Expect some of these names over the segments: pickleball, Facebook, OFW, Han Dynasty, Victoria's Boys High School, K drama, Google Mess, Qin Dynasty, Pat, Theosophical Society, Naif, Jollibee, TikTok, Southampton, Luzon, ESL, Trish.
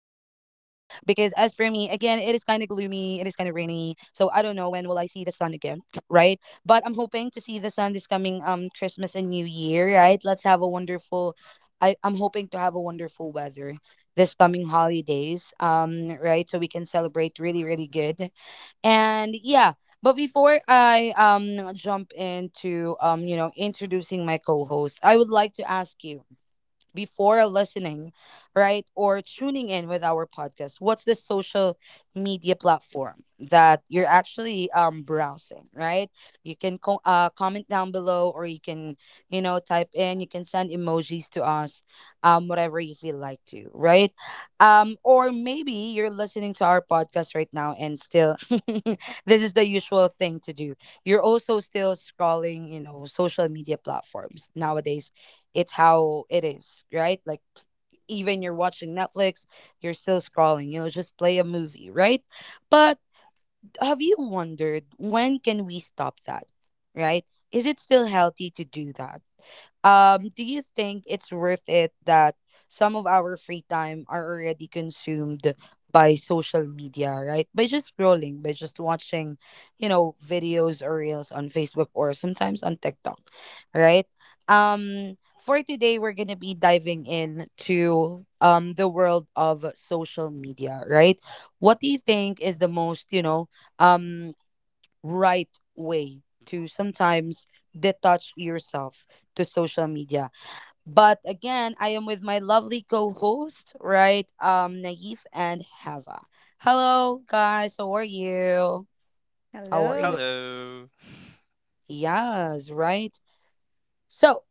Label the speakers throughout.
Speaker 1: Of gloomy, it is kind of rainy, so I don't know when will I see the sun again, right? But I'm hoping to see the sun this coming Christmas and New Year, right? Let's have a wonderful. I'm hoping to have a wonderful weather this coming holidays, right? So we can celebrate really, really good and yeah, but before I jump into introducing my co-host, I would like to ask you, before listening, right, or tuning in with our podcast, what's the social media platform that you're actually browsing, right? You can comment down below, or you can, you know, type in. You can send emojis to us, whatever you feel like to, right? Or maybe you're listening to our podcast right now, and still, this is the usual thing to do. You're also still scrolling, you know, social media platforms nowadays. It's how it is, right? Like even you're watching Netflix, you're still scrolling, you know, just play a movie, right? But have you wondered when can we stop that, right? Is it still healthy to do that? Do you think it's worth it that some of our free time are already consumed by social media, right? By just scrolling, by just watching, you know, videos or reels on Facebook or sometimes on TikTok, right? For today, we're gonna be diving into the world of social media, right? What do you think is the most, you know, um right way to sometimes detach yourself to social media. But again, I am with my lovely co-host, right? Naif and Hava. Hello, guys. How are you? How are you?
Speaker 2: Hello.
Speaker 3: Hello.
Speaker 1: Yes, right. So,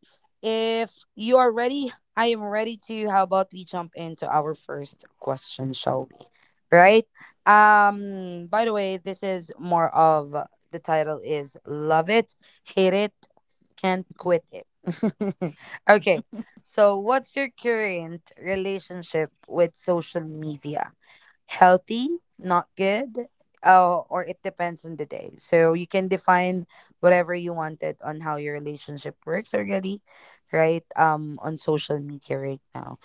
Speaker 1: if you are ready, I am ready to. How about we jump into our first question, shall we? Right? By the way, this is more of the title is Love It, Hate It, Can't Quit It. Okay. So, what's your current relationship with social media? Healthy, not good, or it depends on the day. So you can define whatever you wanted on how your relationship works already, right? On social media right now.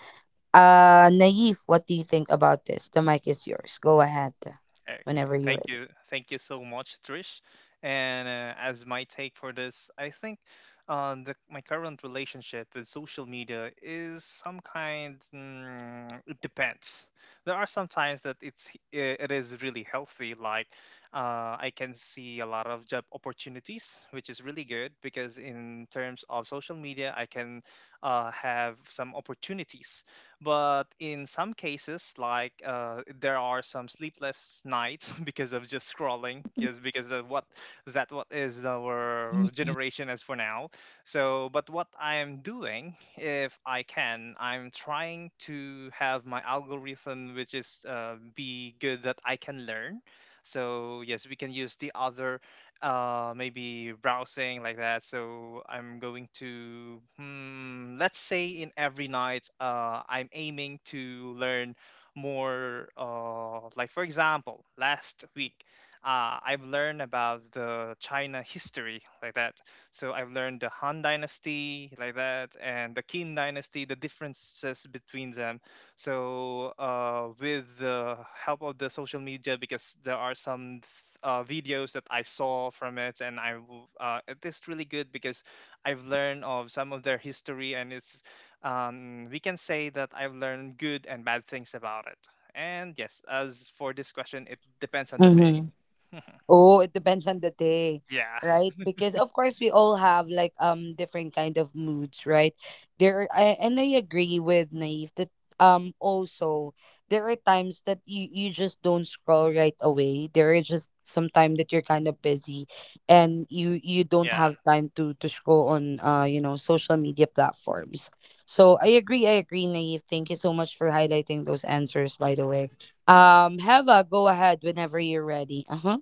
Speaker 1: Naive, what do you think about this? The mic is yours. Go ahead,
Speaker 3: Okay.
Speaker 1: whenever you're
Speaker 3: Thank
Speaker 1: ready.
Speaker 3: you. Thank you so much, Trish.
Speaker 1: Sure.
Speaker 3: And as my take for this, I think, my current relationship with social media is some kind. It depends. There are some times that it is really healthy. Like I can see a lot of job opportunities, which is really good because in terms of social media, I can have some opportunities. But in some cases, like there are some sleepless nights because of just scrolling, yes, because of what that what is our generation as for now. So, but what I am doing, if I can, I'm trying to have my algorithm, which is be good that I can learn. So yes, we can use the other maybe browsing like that, so I'm going to let's say in every night I'm aiming to learn more like for example last week I've learned about the China history like that. So I've learned the Han Dynasty like that and the Qin Dynasty, the differences between them. So, with the help of the social media, because there are some videos that I saw from it, and it is really good because I've learned of some of their history, and it's we can say that I've learned good and bad things about it. And yes, as for this question, it depends on the day.
Speaker 1: Mm-hmm. Oh, it depends on the day,
Speaker 3: Yeah,
Speaker 1: right? Because of course we all have like different kind of moods, right? There are, and I agree with Naive that also there are times that you just don't scroll right away. There are just some time that you're kind of busy and you don't
Speaker 3: yeah.
Speaker 1: have time to scroll on you know social media platforms. So I agree, Naive. Thank you so much for highlighting those answers by the way. Heva, go ahead whenever you're ready. Uh-huh.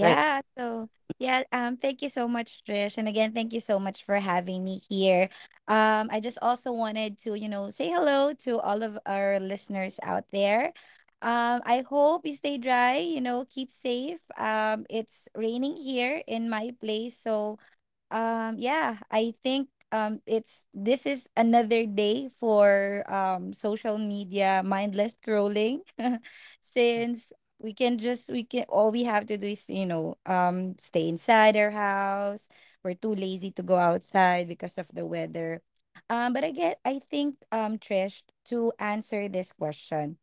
Speaker 1: Right.
Speaker 2: Thank you so much, Trish, and again, thank you so much for having me here. I just also wanted to, you know, say hello to all of our listeners out there. I hope you stay dry. You know, keep safe. It's raining here in my place, so yeah, I think it's this is another day for social media mindless scrolling
Speaker 3: Mm-hmm.
Speaker 2: since we can just we can all we have to do is stay inside our house. We're too lazy to go outside because of the weather. But I get I think Trish, to answer this question,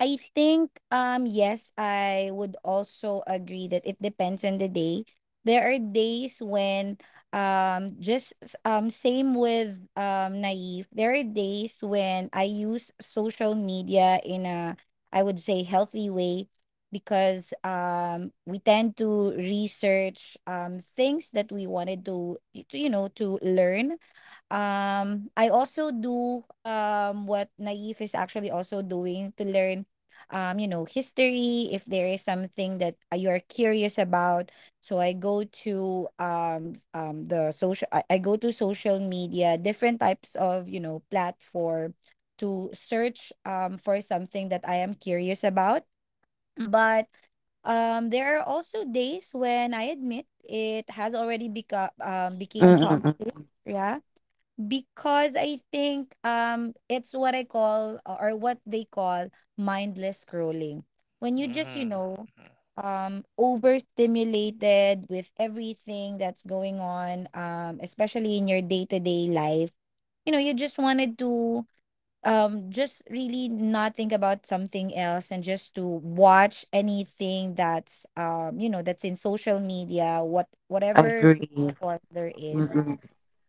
Speaker 2: I think yes, I would also agree that it depends on the day. There are days when same with Naive. There are days when I use social media in a, I would say, healthy way because we tend to research things that we wanted to, you know, to learn. I also do what Naif is actually also doing, to learn you know, history, if there is something that you're curious about. So I go to I go to social media, different types of, you know, platform to search for something that I am curious about. But there are also days when I admit it has already become became toxic.
Speaker 1: Mm-mm-mm.
Speaker 2: Yeah, because I think it's what I call or what they call mindless scrolling. When you just, you
Speaker 3: Mm-hmm.
Speaker 2: know, overstimulated with everything that's going on, especially in your day-to-day life, you know, you just wanted to just really not think about something else and just to watch anything that's you know, that's in social media, whatever
Speaker 1: Agree.
Speaker 2: platform there is,
Speaker 1: Mm-mm.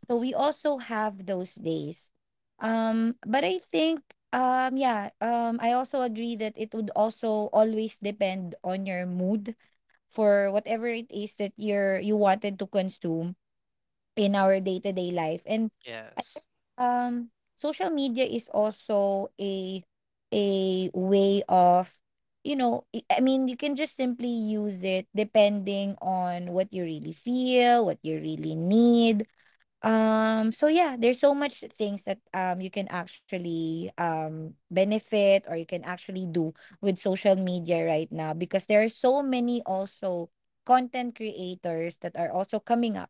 Speaker 2: so we also have those days. But I think yeah, I also agree that it would also always depend on your mood for whatever it is that you wanted to consume in our day-to-day life. And
Speaker 3: Yes.
Speaker 2: um social media is also a way of, you know, I mean, you can just simply use it depending on what you really feel, what you really need. So yeah, there's so much things that you can actually benefit, or you can actually do with social media right now, because there are so many also content creators that are also coming up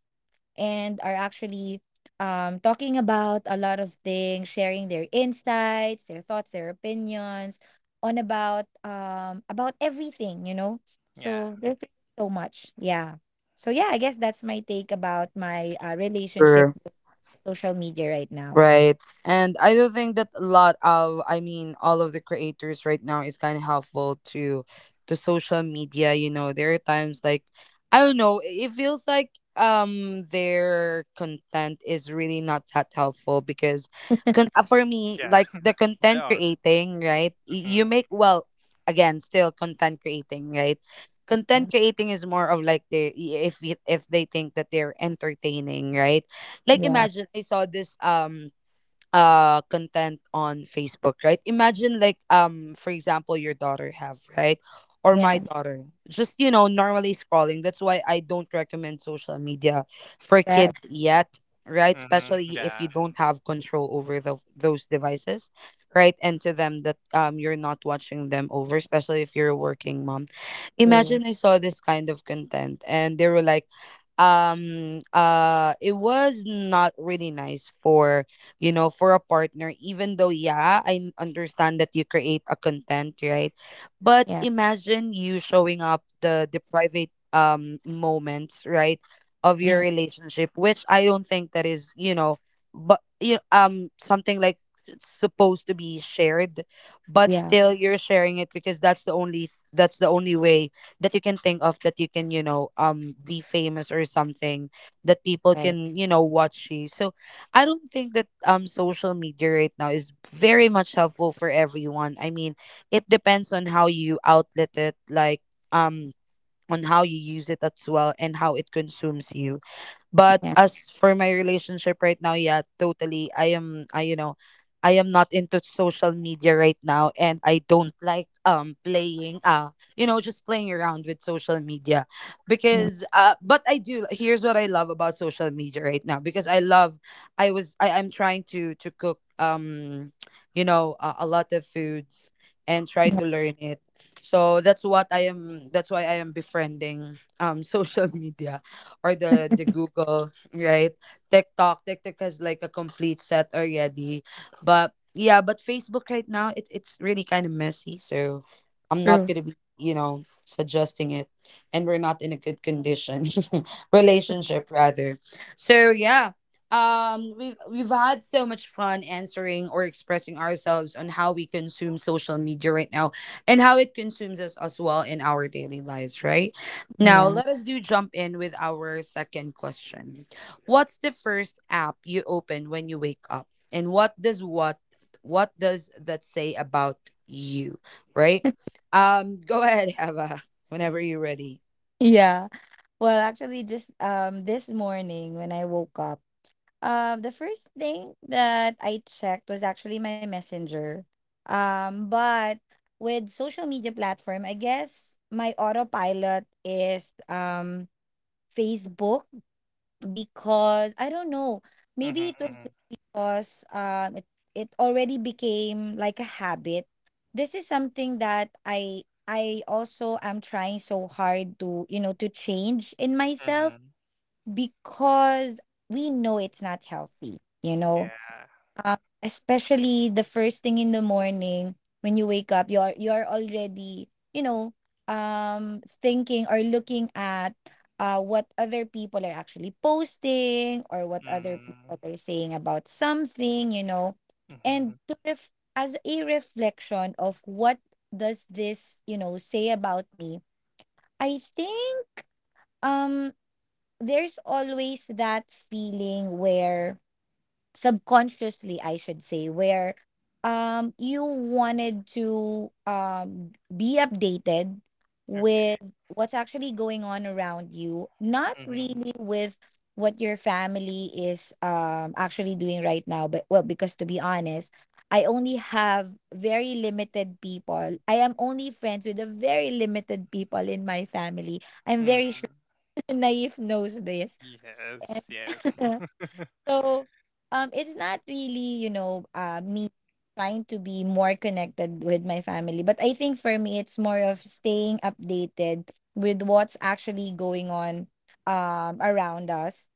Speaker 2: and are actually talking about a lot of things, sharing their insights, their thoughts, their opinions on about everything, you know.
Speaker 3: Yeah.
Speaker 2: So there's really so much, yeah. So yeah, I guess that's my take about my relationship
Speaker 1: True.
Speaker 2: with social media right now.
Speaker 1: Right. And I do think that a lot of I mean all of the creators right now is kind of helpful to social media, you know. There are times like I don't know, it feels like their content is really not that helpful because for me
Speaker 3: Yeah.
Speaker 1: like the
Speaker 3: They
Speaker 1: content
Speaker 3: are.
Speaker 1: creating, right?
Speaker 3: Mm-hmm.
Speaker 1: You make well again still content creating, right? Content creating is more of like they, if they think that they're entertaining, right? Like
Speaker 2: Yeah,
Speaker 1: imagine I saw this content on Facebook, right? Imagine like for example your daughter have, right? Or
Speaker 2: yeah,
Speaker 1: my
Speaker 2: yeah,
Speaker 1: daughter. Just you know, normally scrolling. That's why I don't recommend social media for
Speaker 2: that's
Speaker 1: kids yet, right?
Speaker 3: Hmm.
Speaker 1: Especially if
Speaker 3: Yeah.
Speaker 1: you don't have control over those devices, right? And to them that you're not watching them over, especially if you're a working mom.
Speaker 2: true.
Speaker 1: Imagine I saw this kind of content and they were like it was not really nice for you know, for a partner, even though, yeah, I understand that you create a content, right? But
Speaker 2: Yeah,
Speaker 1: imagine you showing up the private moments, right, of your
Speaker 2: yeah,
Speaker 1: relationship, which I don't think that is, you know, but you something like it's supposed to be shared, but
Speaker 2: yeah,
Speaker 1: still you're sharing it because that's the only, that's the only way that you can think of that you can, you know, be famous or something that people
Speaker 2: right.
Speaker 1: can, you know, watch you. So I don't think that social media right now is very much helpful for everyone. I mean, it depends on how you outlet it, like um on how you use it as well and how it consumes you. But
Speaker 2: Yeah,
Speaker 1: as for my relationship right now, yeah, totally. I you know, I am not into social media right now and I don't like playing you know just playing around with social media
Speaker 2: yeah,
Speaker 1: because but I do, here's what I love about social media right now, because I love I'm trying to cook you know a lot of foods and try
Speaker 2: yeah,
Speaker 1: to learn it, so that's what I am, that's why I am befriending social media or the Google, right? TikTok, TikTok has like a complete set already, but yeah, but Facebook right now, it's really kind of messy, so I'm not
Speaker 2: true.
Speaker 1: gonna be you know suggesting it, and we're not in a good condition, relationship rather. So yeah. We've had so much fun answering or expressing ourselves on how we consume social media right now and how it consumes us as well in our daily lives, right? Now,
Speaker 2: Yeah,
Speaker 1: let us do jump in with our second question. What's the first app you open when you wake up? And what does, what does that say about you, right? Go ahead, Eva, whenever you're ready.
Speaker 2: yeah. Well, actually, just this morning when I woke up, the first thing that I checked was actually my messenger. But with social media platform, I guess my autopilot is Facebook, because I don't know. Maybe it was
Speaker 3: Mm-hmm.
Speaker 2: just because it already became like a habit. This is something that I also am trying so hard to, you know, to change in
Speaker 3: Hmm.
Speaker 2: myself,
Speaker 3: Hmm.
Speaker 2: because we know it's not healthy, you know,
Speaker 3: Yeah.
Speaker 2: especially the first thing in the morning when you wake up, you're already, you know, thinking or looking at what other people are actually posting, or what other
Speaker 3: Mhm.
Speaker 2: people are saying about something, you know. And
Speaker 3: Mhm.
Speaker 2: as a reflection of what does this, you know, say about me, I think um there's always that feeling where subconsciously, I should say, where you wanted to be updated
Speaker 3: Okay.
Speaker 2: with what's actually going on around you, not
Speaker 3: Mhm.
Speaker 2: really with what your family is actually doing right now. But well, because to be honest, I am only friends with a very limited people in my family. I'm very sure
Speaker 3: Mhm.
Speaker 2: Naif knows this.
Speaker 3: Yes. Yes.
Speaker 2: So it's not really, you know, me trying to be more connected with my family, but I think for me it's more of staying updated with what's actually going on around us.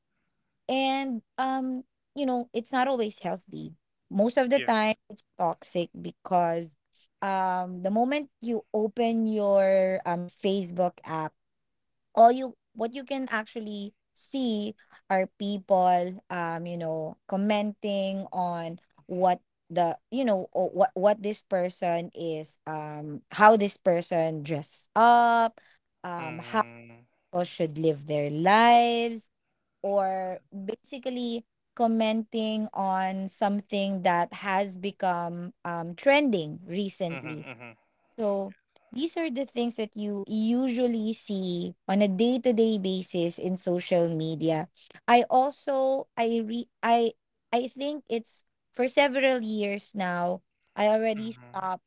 Speaker 2: And you know, it's not always healthy. Most of the
Speaker 3: Yes.
Speaker 2: time it's toxic, because the moment you open your Facebook app, all you what you can actually see are people you know, commenting on what the, you know, what this person is, how this person dress up, how
Speaker 3: Mhm.
Speaker 2: people should live their lives,
Speaker 3: Yeah.
Speaker 2: or basically commenting on something that has become trending
Speaker 3: Mhm.
Speaker 2: recently.
Speaker 3: Mhm.
Speaker 2: So these are the things that you usually see on a day-to-day basis in social media. I also I re I think it's for several years now, I already
Speaker 3: Mhm.
Speaker 2: stopped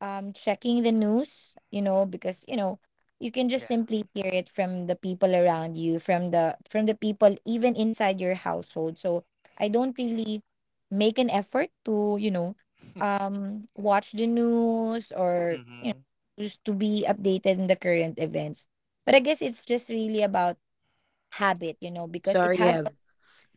Speaker 2: checking the news, you know, because, you know, you can
Speaker 3: Yeah.
Speaker 2: just simply hear it from the people around you, from the people even inside your household. So I don't really make an effort to, you know, watch the news, or you know,
Speaker 3: Mhm.
Speaker 2: just to be updated in the current events. But I guess it's just really about habit, you know, because it
Speaker 1: Sorry,
Speaker 2: has,
Speaker 1: Ev.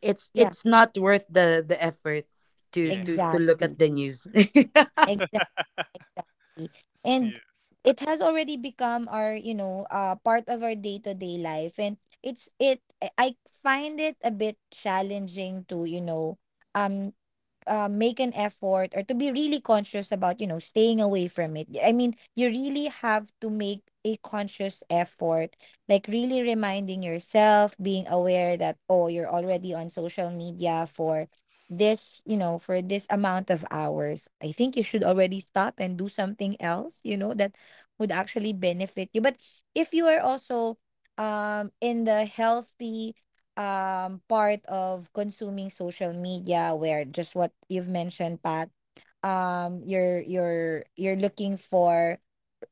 Speaker 1: It's
Speaker 2: yeah,
Speaker 1: not worth the effort to
Speaker 3: Yeah.
Speaker 1: to look at
Speaker 2: exactly,
Speaker 1: the news.
Speaker 2: exactly, exactly, and
Speaker 3: Yes.
Speaker 2: it has already become our, you know, part of our day-to-day life, and it's it I find it a bit challenging to, you know, um make an effort or to be really conscious about, you know, staying away from it. I mean, you really have to make a conscious effort, like really reminding yourself, being aware that, oh, you're already on social media for this, you know, for this amount of hours, I think you should already stop and do something else, you know, that would actually benefit you. But if you are also in the healthy part of consuming social media, where just what you've mentioned, Pat, you're looking for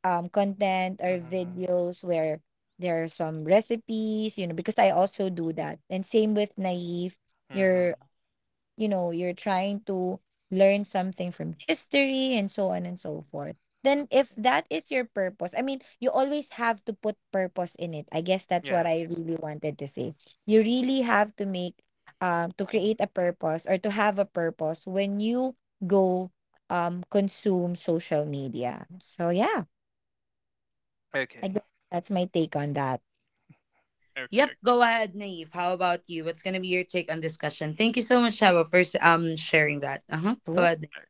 Speaker 2: content or
Speaker 3: Mhm.
Speaker 2: videos where there are some recipes, you know, because I also do that. And same with Naive,
Speaker 3: Mhm.
Speaker 2: you're you know, you're trying to learn something from history, and so on and so forth. Then, if
Speaker 3: Yeah.
Speaker 2: that is your purpose, I mean, you always have to put purpose in it. I guess that's what I
Speaker 3: Yes.
Speaker 2: really wanted to say. You really have to make, to
Speaker 3: Mhm.
Speaker 2: create a purpose, or to have a purpose when you go, consume social media. So, yeah, I
Speaker 3: Okay.
Speaker 2: guess that's my take on that.
Speaker 3: Okay.
Speaker 1: Yep,
Speaker 3: Okay.
Speaker 1: go ahead, Naive. How about you? What's gonna be your take on discussion? Thank you so much, Chava, for sharing that. Uh-huh. Go ahead.
Speaker 3: Okay.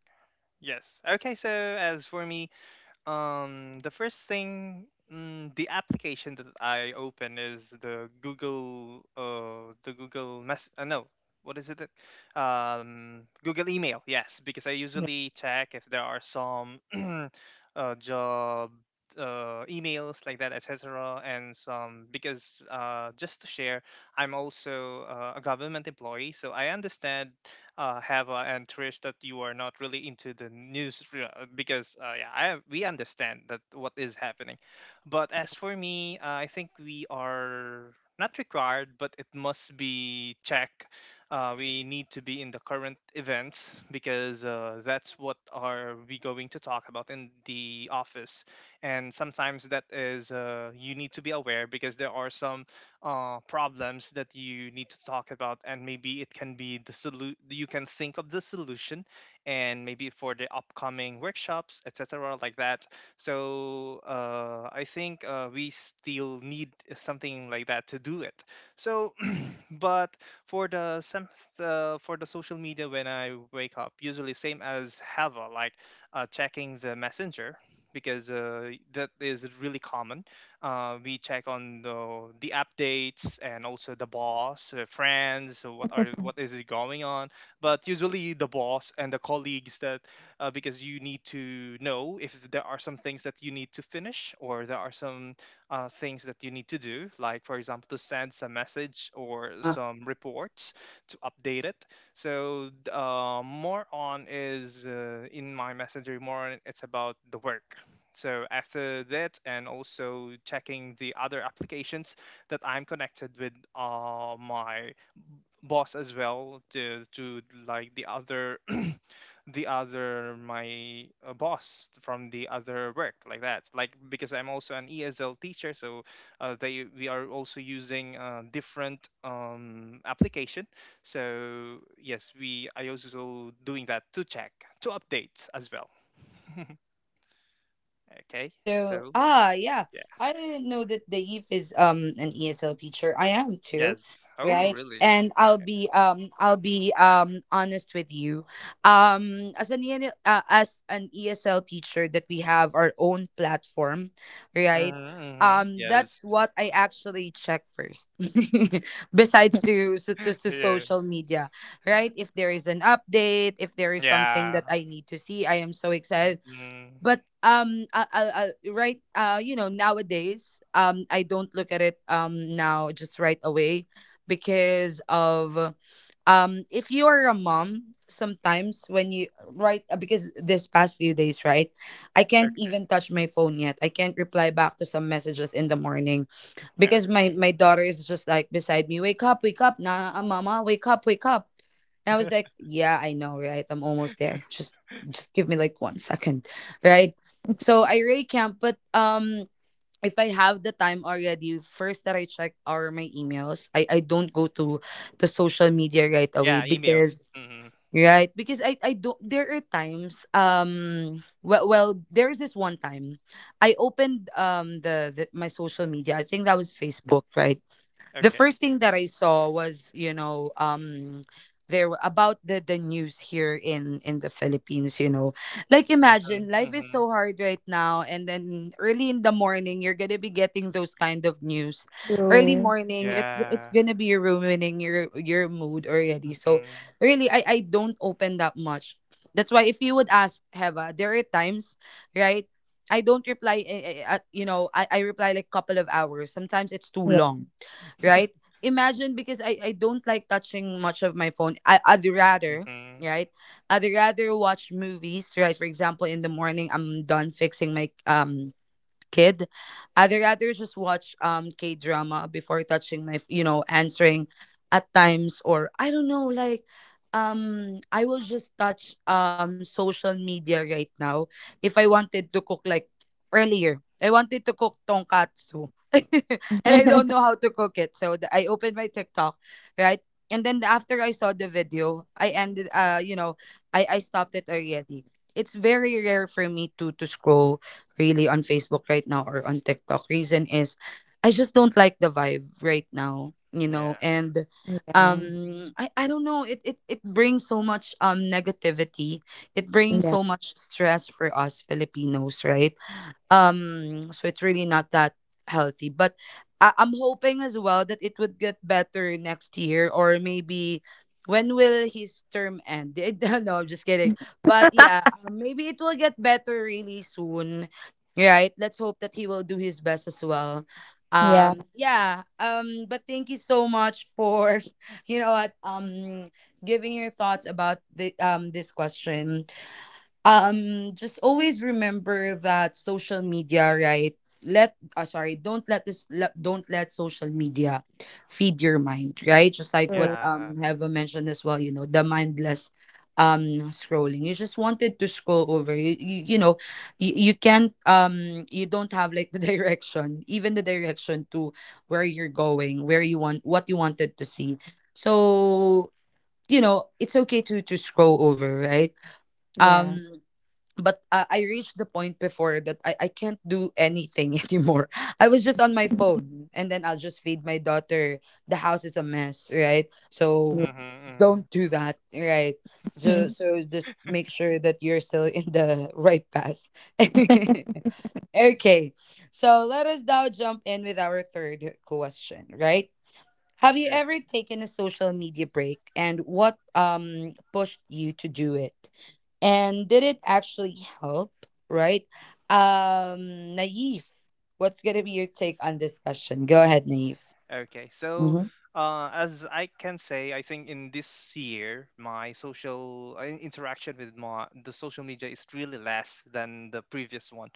Speaker 3: Yes. Okay. So as for me, the first thing, the application that I open is the Google Mess. No, what is it? Google Email. Yes, because I usually check if there are some job emails like that, etc. And some because just to share, I'm also a government employee, so I understand Hava and Trish that you are not really into the news because yeah, I we understand that what is happening. But as for me, I think we are not required, but it must be checked. We need to be in the current events because that's what are we going to talk about in the office, and sometimes that is you need to be aware because there are some problems that you need to talk about and maybe it can be the you can think of the solution and maybe for the upcoming workshops etc like that so I think we still need something like that to do it so but for the some for the social media when I wake up, usually same as Hava, like checking the messenger because that is really common. We check on the updates and also the boss, friends, so what is it going on. But usually the boss and the colleagues that because you need to know if there are some things that you need to finish or there are some things that you need to do, like, for example, to send some message or some reports to update it. So, more on is in my messenger, more on it's about the work. So, after that, and also checking the other applications that I'm connected with my boss as well to like the other the other my boss from the other work like that like because I'm also an ESL teacher so they we are also using different application. So yes, we I also doing that to check to update as well.
Speaker 1: Yeah,
Speaker 3: Okay,
Speaker 1: so
Speaker 3: so
Speaker 1: yeah.
Speaker 3: yeah.
Speaker 1: I didn't know that Dave is an ESL teacher. I am too,
Speaker 3: Yes. Oh
Speaker 1: right?
Speaker 3: really.
Speaker 1: And I'll
Speaker 3: Okay.
Speaker 1: be honest with you. As an ESL teacher that we have our own platform, right?
Speaker 3: Mm-hmm, mm-hmm. Yes.
Speaker 1: That's what I actually check first. Besides to to
Speaker 3: Yeah,
Speaker 1: social media, right? If there is an update, if there is something
Speaker 3: yeah.
Speaker 1: that I need to see, I am so excited,
Speaker 3: Hmm.
Speaker 1: but I, right, you know nowadays I don't look at it now just right away because of if you are a mom, sometimes when you right, because this past few days, right, I can't
Speaker 3: Okay.
Speaker 1: even touch my phone yet, I can't reply back to some messages in the morning
Speaker 3: Okay.
Speaker 1: because my daughter is just like beside me, wake up, wake up, nah mama, wake up, wake up, and I was like, yeah, I know, right? I'm almost there. Just give me like 1 second, right?
Speaker 2: Sure.
Speaker 1: So I really can't, but if I have the time already, first that I check are my emails. I don't go to the social media right away
Speaker 3: Yeah. Emails.
Speaker 1: because
Speaker 3: Hmm.
Speaker 1: right because I don't, there are times, well well there is this one time I opened the my social media, I think that was Facebook, right? The
Speaker 3: Okay.
Speaker 1: first thing that I saw was, you know, there about the news here in the Philippines, you know. Like imagine
Speaker 3: Mhm,
Speaker 1: life is
Speaker 3: mhm.
Speaker 1: so hard right now and then early in the morning you're going to be getting those kind of news. Early
Speaker 2: True.
Speaker 1: morning, it's
Speaker 3: Yeah.
Speaker 1: going to be ruining your mood already. So
Speaker 3: Mhm,
Speaker 1: really I don't open that much. That's why if you would ask Heva, there are times, right? I don't reply, you know, I reply like couple of hours. Sometimes it's too
Speaker 2: Yeah.
Speaker 1: long, right? Imagine because I don't like touching much of my phone. I'd rather,
Speaker 3: mhm.
Speaker 1: right? I'd rather watch movies, right? For example, in the morning I'm done fixing my kid. I'd rather just watch K drama before touching my you know answering at times or I don't know like I will just touch social media right now if I wanted to cook like earlier. I wanted to cook tonkatsu and I don't know how to cook it. So I opened my TikTok, right? And then after I saw the video, I ended you know, I stopped it already. It's very rare for me to scroll really on Facebook right now or on TikTok. Reason is I just don't like the vibe right now, you know,
Speaker 3: Yeah,
Speaker 1: and
Speaker 2: Yeah.
Speaker 1: I don't know, it it brings so much negativity. It brings
Speaker 2: Yeah.
Speaker 1: so much stress for us Filipinos, right? So it's really not that healthy, but I'm hoping as well that it would get better next year, or maybe when will his term end. No, I'm just kidding, but yeah, maybe it will get better really soon, right? Let's hope that he will do his best as well.
Speaker 2: Yeah.
Speaker 1: Yeah but thank you so much for you know what, giving your thoughts about the this question. Just always remember that social media, right, let sorry, don't let social media feed your mind, right? Just like what
Speaker 2: True.
Speaker 3: yeah.
Speaker 1: Heva mentioned as well, you know the mindless scrolling, you just wanted to scroll over, you can't, you don't have like the direction, even the direction to where you're going, where you want, what you wanted to see. So you know it's okay to scroll over, right?
Speaker 2: Yeah.
Speaker 1: um but I reached the point before that I can't do anything anymore. I was just on my phone, and then I'll just feed my daughter. The house is a mess, right? So
Speaker 3: Mhm, mhm.
Speaker 1: don't do that, right?
Speaker 2: Yeah.
Speaker 1: So so just make sure that you're still in the right path. Okay. So let us now jump in with our third question, right? Have you ever
Speaker 3: Okay.
Speaker 1: taken a social media break, and what pushed you to do it? And did it actually help, right? Naif, what's going to be your take on this question? Go ahead, Naif.
Speaker 3: Okay, so
Speaker 1: Mhm.
Speaker 3: as I can say, I think in this year, my social interaction with my the social media is really less than the previous one.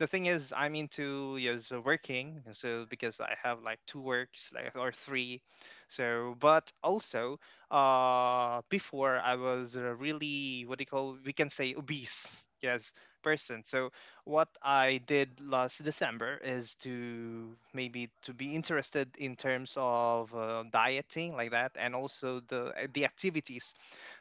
Speaker 3: The thing is, I'm into yes working, so because I have like two works, like or three, so but also before I was a really what do you call we can say obese yes person. So what I did last December is to maybe to be interested in terms of dieting like that and also the activities.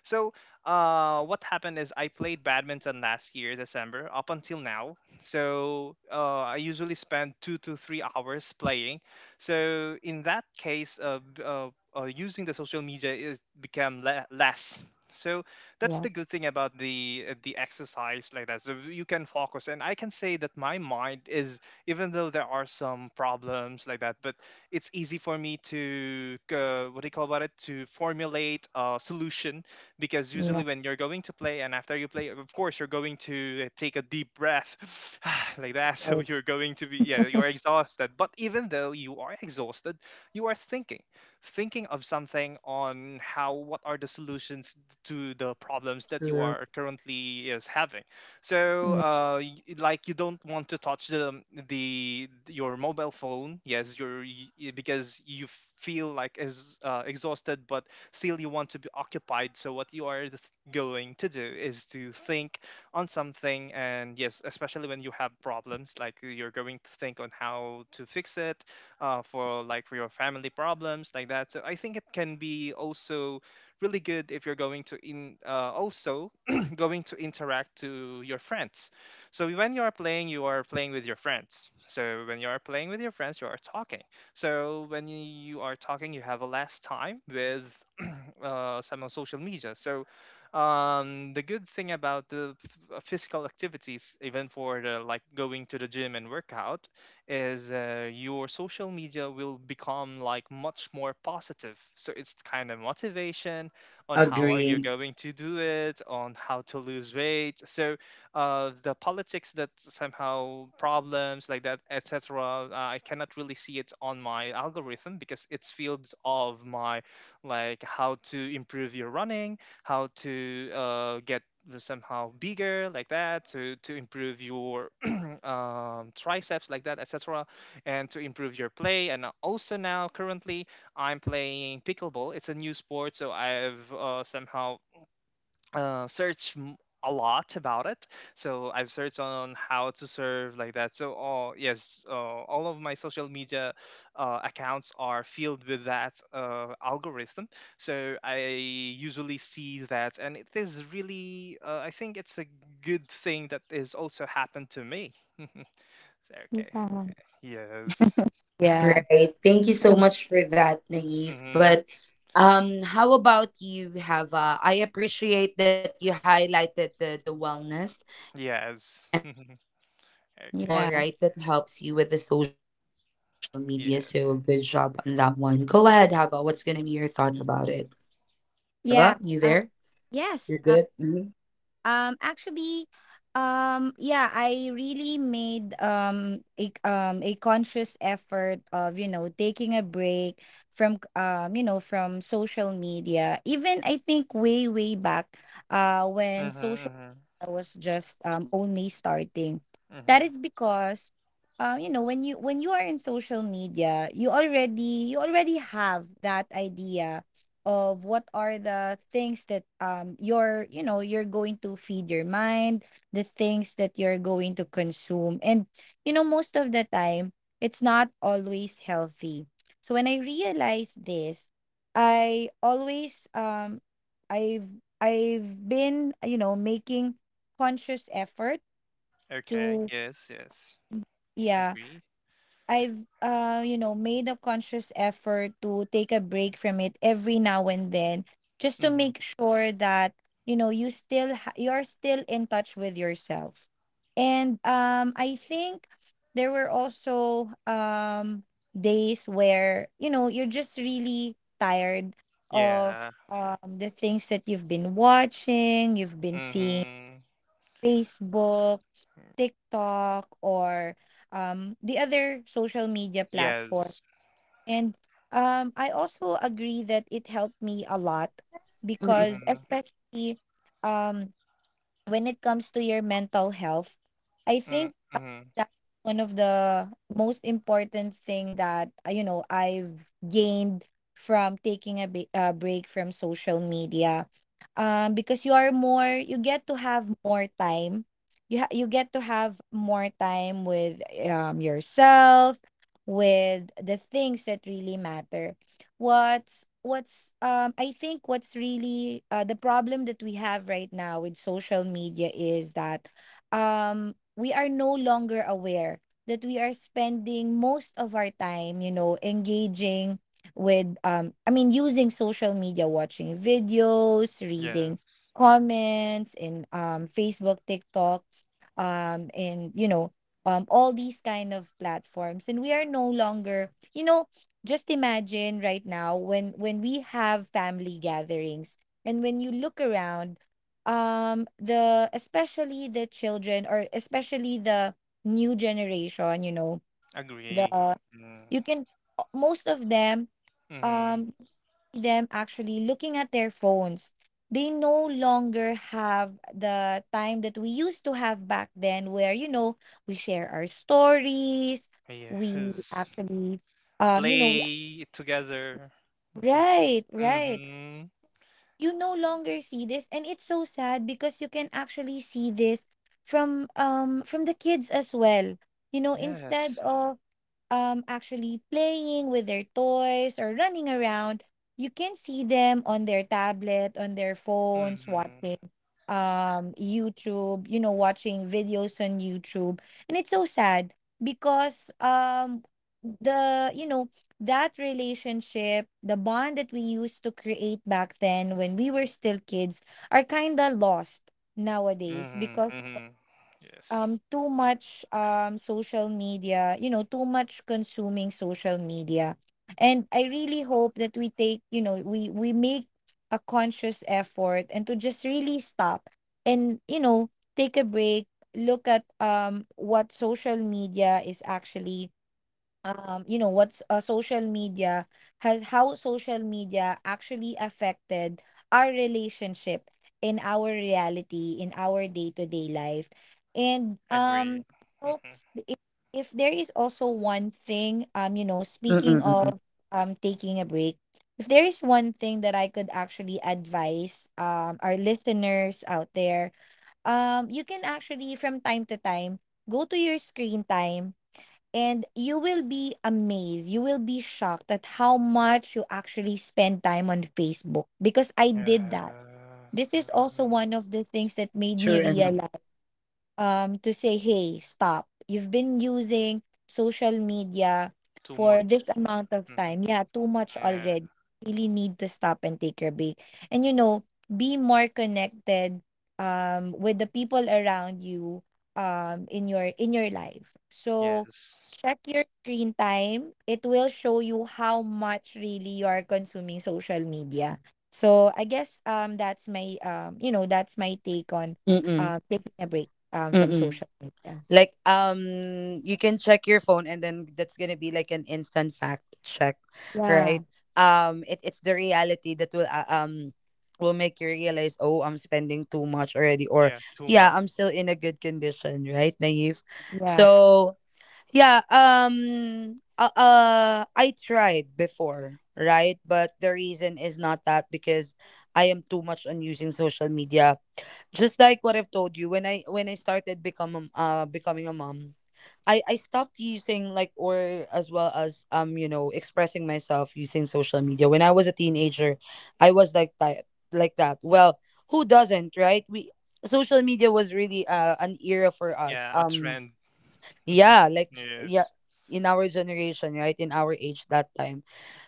Speaker 3: So what
Speaker 1: Oh,
Speaker 3: happened is I played badminton last year December up until now. So I usually spend 2 to 3 hours playing. So in that case, using the social media is less. So that's
Speaker 2: Yeah.
Speaker 3: the good thing about the exercise like that. So you can focus, and I can say that my mind is, even though there are some problems like that, but it's easy for me to what do you call about it to formulate a solution because
Speaker 2: Yeah.
Speaker 3: usually when you're going to play and after you play, of course you're going to take a deep breath like that. So
Speaker 2: Right.
Speaker 3: you're going to be yeah you're exhausted, but even though you are exhausted, you are thinking of something on how what are the solutions to the problems that you
Speaker 1: sure.
Speaker 3: are currently is having. So,
Speaker 2: Yeah.
Speaker 3: like you don't want to touch the your mobile phone, yes, because you feel like is exhausted, but still you want to be occupied. So what you are going to do is to think on something, and yes, especially when you have problems, like you're going to think on how to fix it, for like for your family problems like that. So I think it can be also really good if you're going to in also going to interact to your friends. So when you are playing with your friends. So when you are playing with your friends, you are talking. So when you are talking, you have a less time with some on social media. So the good thing about the physical activities, even for the, like going to the gym and workout, is your social media will become like much more positive. So it's kind of motivation on how are you
Speaker 1: Agree.
Speaker 3: going to do it, on how to lose weight. So the politics that somehow problems like that, etc. I cannot really see it on my algorithm because it's fields of my like how to improve your running, how to get somehow bigger like that to improve your triceps like that etc and to improve your play and also now currently I'm playing pickleball. It's a new sport, so I've somehow uh, search m- a lot about it. So I've searched on how to serve like that. So oh yes, all of my social media accounts are filled with that algorithm. So I usually see that, and it is really I think it's a good thing that is also happened to me. Okay. Yes.
Speaker 2: Yeah.
Speaker 1: Right. Thank you so much for that, Naive.
Speaker 3: Mm-hmm.
Speaker 1: But how about you, Hava? I appreciate that you highlighted the wellness and all, right?
Speaker 3: Yes.
Speaker 1: That helps you with the social
Speaker 3: Okay.
Speaker 1: media.
Speaker 2: Yeah.
Speaker 1: So good job on that one. Go ahead, Hava. What's gonna be
Speaker 3: Yeah.
Speaker 1: your thought about it? Hava, you there?
Speaker 2: Yeah.
Speaker 1: You're
Speaker 2: Uh,
Speaker 1: good? Mhm.
Speaker 2: yes. Actually, yeah, I really made a conscious effort of, you know, taking a break from you know, from social media. Even I think way back, when
Speaker 3: Mm-hmm,
Speaker 2: social
Speaker 3: mm-hmm,
Speaker 2: I was just only starting. That
Speaker 3: mm-hmm.
Speaker 2: is because you know, when you are in social media, you already have that idea of what are the things that you know, you're going to feed your mind, the things that you're going to consume. And you know, most of the time it's not always healthy. So when I realized this, I always I've I've been, you know, making conscious effort
Speaker 3: Okay.
Speaker 2: to,
Speaker 3: Yes. Yes.
Speaker 2: yeah,
Speaker 3: Agree.
Speaker 2: I've you know, made a conscious effort to take a break from it every now and then, just to
Speaker 3: Mhm.
Speaker 2: make sure that, you know, you're still in touch with yourself. And I think there were also days where, you know, you're just really tired of
Speaker 3: Yeah.
Speaker 2: the things that you've been watching, you've been seeing,
Speaker 3: Mhm.
Speaker 2: Facebook, TikTok, or the other social media platform.
Speaker 3: Yes.
Speaker 2: And I also agree that it helped me a lot
Speaker 1: Mm-mm,
Speaker 2: because,
Speaker 3: Mhm.
Speaker 2: especially, um, when it comes to your mental health, I
Speaker 3: Mm,
Speaker 2: think
Speaker 3: mhm.
Speaker 2: that's one of the most important thing that you know, I've gained from taking a, a break from social media, because you are more, you get to have more time. You get to have more time with yourself, with the things that really matter. What's I think what's really the problem that we have right now with social media is that we are no longer aware that we are spending most of our time, you know, engaging with using social media, watching videos, reading
Speaker 3: Yes.
Speaker 2: comments in Facebook, TikTok, and you know all these kind of platforms. And we are no longer you know, just imagine right now when we have family gatherings and when you look around the especially the children or especially the new generation, you know, the
Speaker 3: Agree. Mm.
Speaker 2: you can most of them
Speaker 3: Mhm.
Speaker 2: um them actually looking at their phones. They no longer have the time that we used to have back then where you know we share our stories, we
Speaker 3: Yes.
Speaker 2: actually um you know
Speaker 3: Play together. Mhm.
Speaker 2: Right, right.
Speaker 3: Mhm.
Speaker 2: You no longer see this and it's so sad because you can actually see this from the kids as well. You know, instead
Speaker 3: Yes.
Speaker 2: of actually playing with their toys or running around, you can see them on their tablet, on their phones,
Speaker 3: Mhm.
Speaker 2: watching YouTube, you know, watching videos on YouTube. And it's so sad because the you know that relationship, the bond that we used to create back then when we were still kids are kind of lost nowadays
Speaker 3: Mhm.
Speaker 2: because
Speaker 3: Mhm. Yes.
Speaker 2: too much social media, you know, too much consuming social media. And I really hope that we take, you know, we make a conscious effort and to just really stop and you know take a break, look at what social media is actually you know, what's social media has, how social media actually affected our relationship in our reality, in our day to day life. And
Speaker 3: Agree.
Speaker 2: so
Speaker 3: Mhm.
Speaker 2: if, if there is also one thing, you know, speaking
Speaker 1: mm-mm, mm-mm.
Speaker 2: of taking a break, if there is one thing that I could actually advise our listeners out there, you can actually from time to time go to your screen time and you will be amazed, you will be shocked at how much you actually spend time on Facebook. Because I did that,
Speaker 3: Yeah.
Speaker 2: this is also
Speaker 3: Mhm.
Speaker 2: one of the things that made me
Speaker 1: Sure enough.
Speaker 2: realize to say, "Hey, stop. You've been using social media
Speaker 3: Too
Speaker 2: for
Speaker 3: much.
Speaker 2: this amount of
Speaker 3: Mhm.
Speaker 2: time. Yeah, too much
Speaker 3: Yeah.
Speaker 2: already. Really need to stop and take your break." And you know, be more connected with the people around you in your life. So
Speaker 3: Yes.
Speaker 2: check your screen time. It will show you how much really you are consuming social media. So I guess that's my that's my take on
Speaker 1: Mm-mm,
Speaker 2: taking a break from
Speaker 1: mm-mm.
Speaker 2: social media.
Speaker 1: Like, you can check your phone, and then that's gonna be like an instant fact check,
Speaker 2: Yeah,
Speaker 1: right? It's the reality that will will make you realize, oh, I'm spending too much already, or
Speaker 3: Yeah. Too much.
Speaker 1: yeah, I'm still in a good condition, right, Naive?
Speaker 3: Yeah.
Speaker 2: yeah.
Speaker 1: So yeah, I tried before, right? But the reason is not that because I am too much on using social media, just like what I've told you, when I started become a becoming a mom, I stopped using like, or as well as you know expressing myself using social media. When I was a teenager, I was like that, like that. Well, who doesn't, right? We social media was really an era for us,
Speaker 3: Yeah, a trend.
Speaker 1: yeah, like yeah,
Speaker 3: Yes.
Speaker 1: in our generation, right, in our age that time.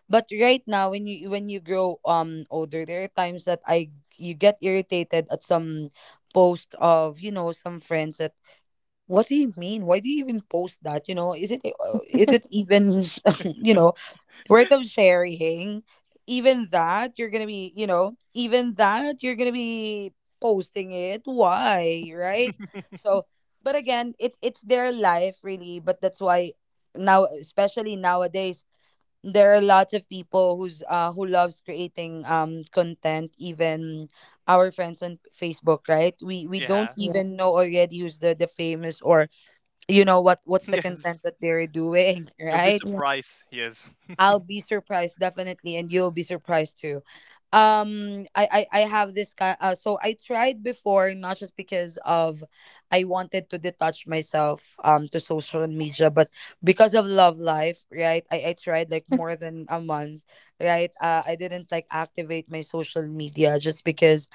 Speaker 1: But right now, when you grow older, there are times that I— you get irritated at some post of you know some friends that, what do you mean? Why do you even post that? You know, is it even you know worth of sharing? Even that you're gonna be, you know even that you're gonna be posting it, why, right? So, but again, it's their life really. But that's why now, especially nowadays, there are lots of people who's who loves creating content. Even our friends on Facebook, right, we
Speaker 3: Yeah.
Speaker 1: don't
Speaker 2: Yeah,
Speaker 1: even know already who's the famous, or you know what what's the content
Speaker 3: Yes.
Speaker 1: that they're doing.
Speaker 3: You'll be
Speaker 1: Right?
Speaker 2: yeah,
Speaker 3: surprised. Yes.
Speaker 1: I'll be surprised, definitely, and you'll be surprised too. I have this kind. So I tried before, not just because of I wanted to detach myself to social media, but because of love life, right? I tried like more than a month, right? I didn't like activate my social media just because,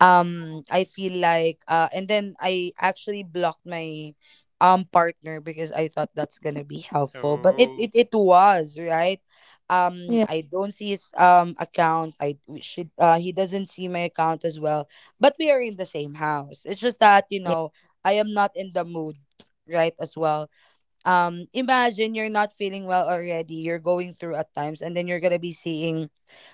Speaker 1: I feel like, and then I actually blocked my partner, because I thought that's gonna be helpful. But
Speaker 3: Oh.
Speaker 1: it was, right?
Speaker 2: yeah,
Speaker 1: I don't see his account. I we should he doesn't see my account as well. But we are in the same house. It's just that, you
Speaker 2: yeah,
Speaker 1: know, I am not in the mood, right, as well. Imagine you're not feeling well already, you're going through at times, and then you're gonna be seeing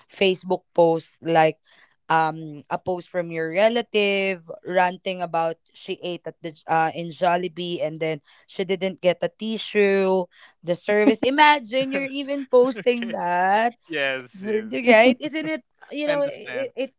Speaker 1: Facebook posts like a post from your relative ranting about she ate at the in Jollibee, and then she didn't get a tissue, the service. Imagine you're even
Speaker 3: Okay.
Speaker 1: posting that.
Speaker 3: Yes.
Speaker 1: So
Speaker 3: Yes.
Speaker 1: right, isn't it? You know
Speaker 3: Understand.
Speaker 1: it, it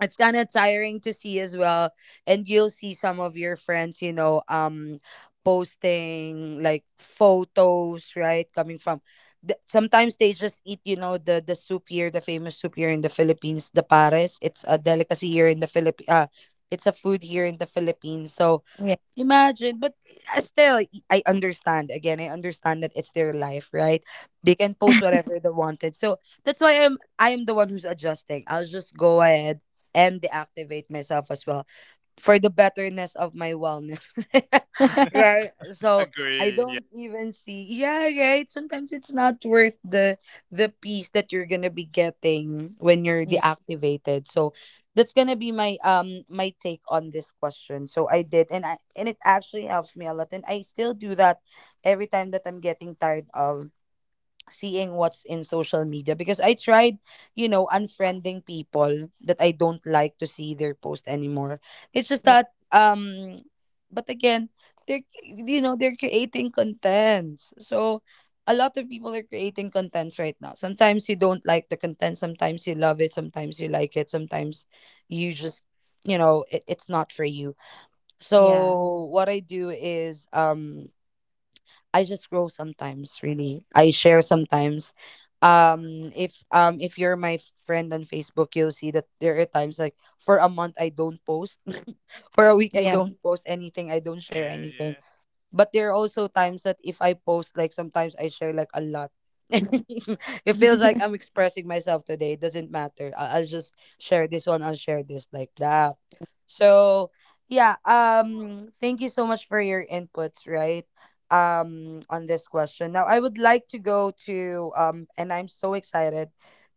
Speaker 1: it's kind of tiring to see as well. And you'll see some of your friends you know posting like photos, right, coming from the— sometimes they just eat you know the soup here, the famous soup here in the Philippines, the pares, it's a delicacy here in the Philippines, it's a food here in the Philippines. So
Speaker 2: yeah,
Speaker 1: imagine. But I still, I understand. Again, I understand that it's their life, right? They can post whatever they wanted. So that's why I'm, I am the one who's adjusting. I'll just go ahead and deactivate myself as well for the betterness of my wellness. Right. So I
Speaker 3: Agree. Yeah.
Speaker 1: don't even see, yeah, right. Sometimes it's not worth the peace that you're gonna be getting when you're
Speaker 2: yeah,
Speaker 1: deactivated. So that's gonna be my take on this question. So I did, and I— and it actually helps me a lot. And I still do that every time that I'm getting tired of seeing what's in social media, because I tried you know, unfriending people that I don't like to see their post anymore. It's just
Speaker 2: yeah,
Speaker 1: that, but again, they're you know, they're creating contents. So a lot of people are creating contents right now. Sometimes you don't like the content, sometimes you love it, sometimes you like it, sometimes you just, you know, it's not for you.
Speaker 2: yeah,
Speaker 1: So what I do is, I just grow sometimes really. I share sometimes. If, if you're my friend on Facebook, you'll see that there are times like for a month I don't post. For a week I
Speaker 2: yeah,
Speaker 1: don't post anything. I don't share
Speaker 3: Yeah. Yeah.
Speaker 1: anything. But there are also times that if I post, like sometimes I share like a lot. It feels like I'm expressing myself today. It doesn't matter. I'll just share this one. I'll share this like that. So yeah. Thank you so much for your inputs, right, on this question. Now I would like to go to. And I'm so excited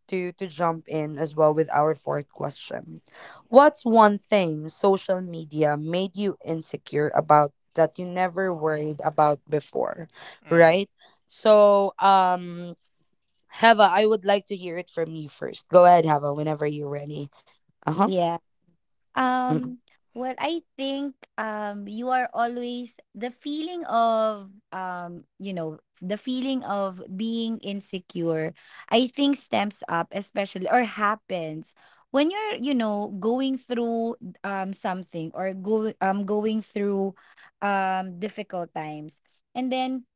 Speaker 1: to jump in as well with our fourth question. What's one thing social media made you insecure about that you never worried about before,
Speaker 3: Mhm.
Speaker 1: right? So, Heva, I would like to hear it from you first. Go ahead, Heva, whenever you're ready. Uh
Speaker 2: yeah.
Speaker 1: huh.
Speaker 2: Um, well, I think you are always the feeling of you know the feeling of being insecure, I think, stems up especially or happens when you're you know going through something or go going through difficult times. And then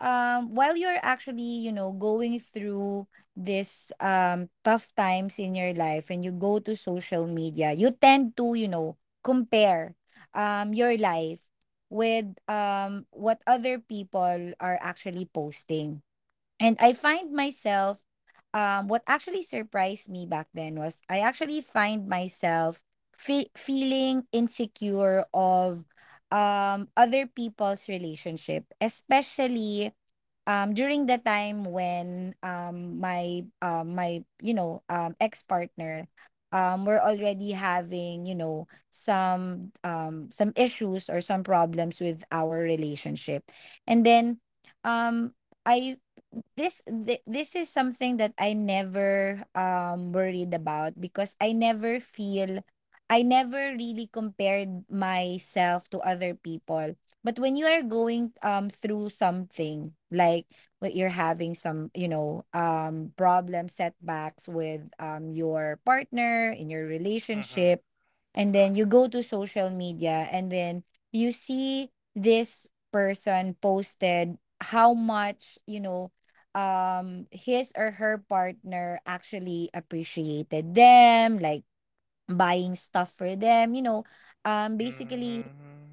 Speaker 2: while you're actually you know going through this tough times in your life and you go to social media, you tend to you know compare your life with what other people are actually posting. And I find myself what actually surprised me back then was, I actually find myself feeling insecure of other people's relationship, especially during the time when, my, you know, ex-partner, we're already having, you know, some issues or some problems with our relationship. And then, um, I this is something that I never worried about, because I never really compared myself to other people. But when you are going through something like what you're having, some, you know, problem, setbacks with your partner in your
Speaker 3: Mhm.
Speaker 2: relationship, and then you go to social media and then you see this person posted how much, you know, his or her partner actually appreciated them, like buying stuff for them, you know, basically
Speaker 3: Mhm.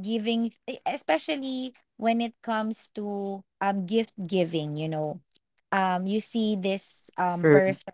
Speaker 2: giving especially when it comes to gift giving, you know, you see this
Speaker 1: True.
Speaker 2: person,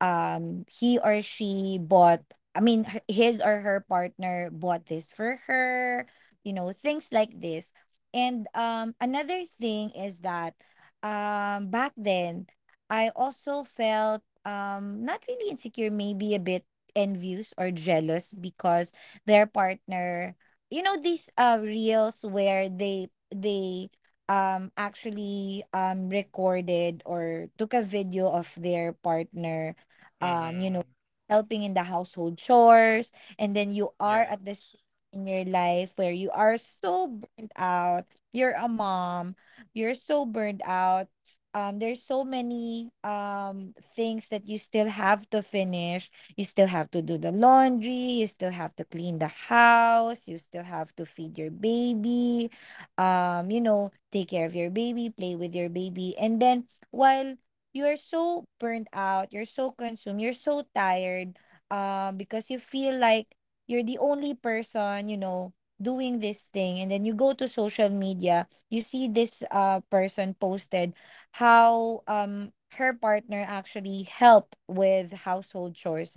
Speaker 2: he or she bought, I mean, his or her partner bought this for her, you know, things like this. And another thing is that back then I also felt not really insecure, maybe a bit envious or jealous, because their partner, you know, these reels where they actually recorded or took a video of their partner you know,
Speaker 3: Mhm.
Speaker 2: helping in the household chores. And then you are
Speaker 3: Yes.
Speaker 2: at this stage in your life where you are so burnt out. You're a mom. You're so burnt out. There's so many things that you still have to finish. You still have to do the laundry. You still have to clean the house. You still have to feed your baby. You know, take care of your baby, play with your baby. And then while you are so burned out, you're so consumed, you're so tired, because you feel like you're the only person, you know, doing this thing. And then you go to social media, you see this person posted how her partner actually helped with household chores.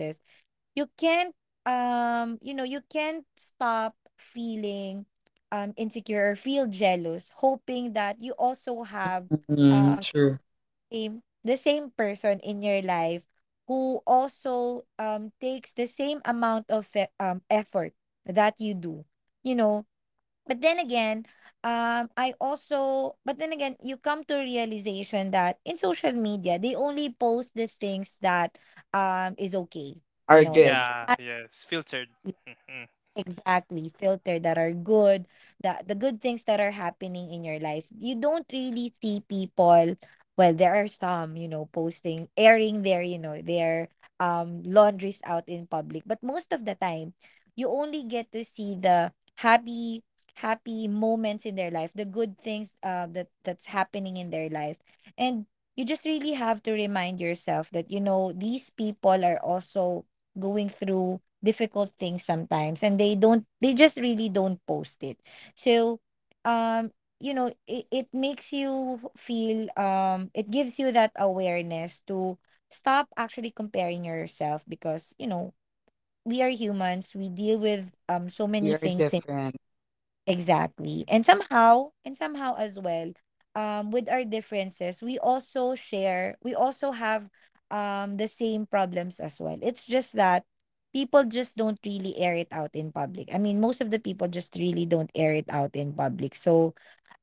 Speaker 2: You can't you know, you can't stop feeling insecure or feel jealous, hoping that you also have
Speaker 1: Mm,
Speaker 2: uh,
Speaker 1: true.
Speaker 2: same the same person in your life who also takes the same amount of effort that you do, you know. But then again, I also, but then again, you come to realization that in social media they only post the things that is okay, you
Speaker 1: Are
Speaker 2: know, that's
Speaker 1: good.
Speaker 3: Yeah. Yes. Filtered. Mhm.
Speaker 2: exactly filter that are good, the good things that are happening in your life. You don't really see people, well, there are some, you know, posting, airing their, you know, their laundries out in public, but most of the time you only get to see the happy happy moments in their life, the good things that's happening in their life. And you just really have to remind yourself that you know these people are also going through difficult things sometimes, and they don't, they just really don't post it. So um you know it makes you feel it gives you that awareness to stop actually comparing yourself, because you know we are humans, we deal with so
Speaker 1: We
Speaker 2: many
Speaker 1: are
Speaker 2: things.
Speaker 1: different.
Speaker 2: Exactly. And somehow as well, with our differences, we also share, we also have the same problems as well. It's just that people just don't really air it out in public. I mean, most of the people just really don't air it out in public. So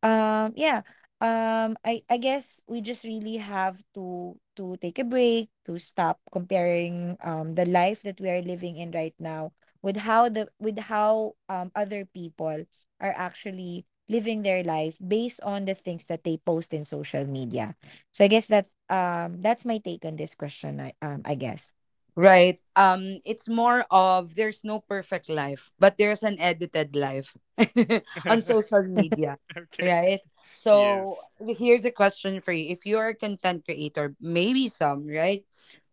Speaker 2: Yeah. I guess we just really have to take a break, to stop comparing the life that we are living in right now with how the with how other people are actually living their life based on the things that they post in social media. So I guess that's my take on this question. I guess.
Speaker 1: Right. It's more of there's no perfect life, but there's an edited life on social media,
Speaker 3: Okay.
Speaker 1: right? So
Speaker 3: Yes.
Speaker 1: here's a question for you. If you're a content creator, maybe some, right?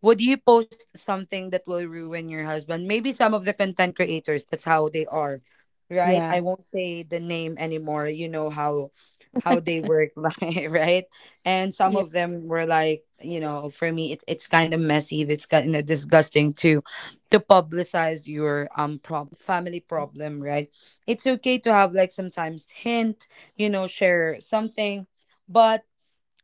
Speaker 1: Would you post something that will ruin your husband? Maybe some of the content creators, that's how they are, right? I
Speaker 2: Yeah.
Speaker 1: won't say the name anymore. You know how they work, like, right? And some
Speaker 2: Yeah.
Speaker 1: of them were like, you know for me it's kind of messy, it's kind of disgusting to publicize your family problem, right? It's okay to have like sometimes hint, you know share something, but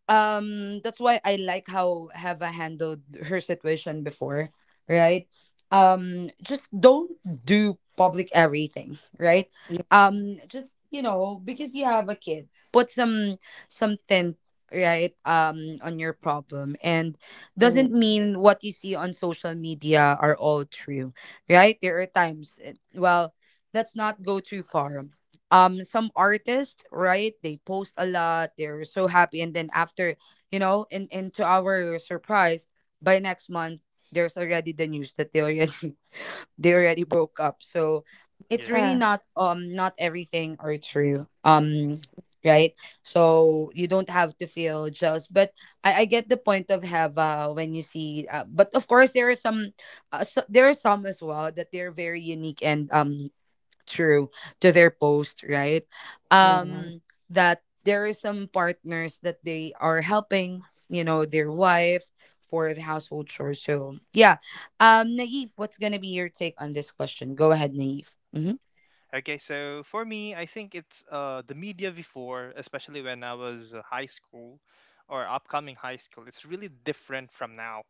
Speaker 1: that's why I like how Heva handled her situation before, right? Just don't do public everything, right?
Speaker 2: Yeah.
Speaker 1: Just, you know, because you have a kid, put some tint, right, on your problem. And
Speaker 2: True.
Speaker 1: doesn't mean what you see on social media are all true, right? There are times it— well, let's not go too far, some artists, right, they post a lot, they're so happy, and then after, you know in into our surprise, by next month there's already the news that they already they already broke up. So it's
Speaker 3: Yes.
Speaker 1: really
Speaker 2: Yeah.
Speaker 1: not, not everything are true, right? So you don't have to feel jealous. But I get the point of Heva when you see, but of course there are some, there are some as well that they're very unique and true to their post, right,
Speaker 2: Yeah.
Speaker 1: um that there is some partners that they are helping you know their wife for the household chores. So yeah, Naive, what's gonna be your take on this question? Go ahead, Naive. Hmm.
Speaker 3: Okay, so for me, I think it's the media before, especially when I was high school or upcoming high school. It's really different from now.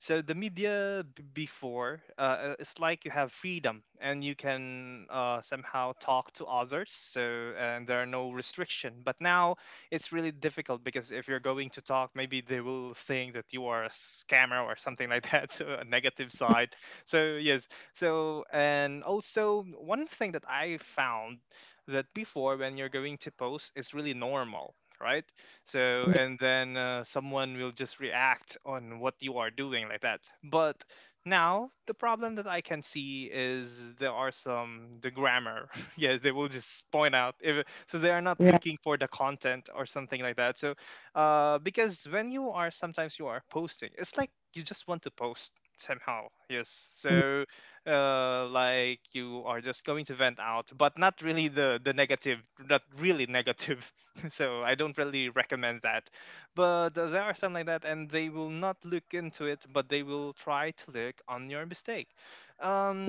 Speaker 3: So the media before, it's like you have freedom and you can somehow talk to others. So and there are no restriction. But now it's really difficult because if you're going to talk, maybe they will think that you are a scammer or something like that. So a negative side. So yes. So and also one thing that I found that before when you're going to post is really normal, right? So
Speaker 2: Yeah.
Speaker 3: and then someone will just react on what you are doing like that. But now the problem that I can see is there are some the grammar yes, they will just point out if, so they are not
Speaker 2: Right.
Speaker 3: looking for the content or something like that. So because when you are sometimes you are posting, it's like you just want to post somehow, yes. So like you are just going to vent out, but not really the negative, not really negative. So I don't really recommend that. But there are some like that, and they will not look into it, but they will try to look on your mistake.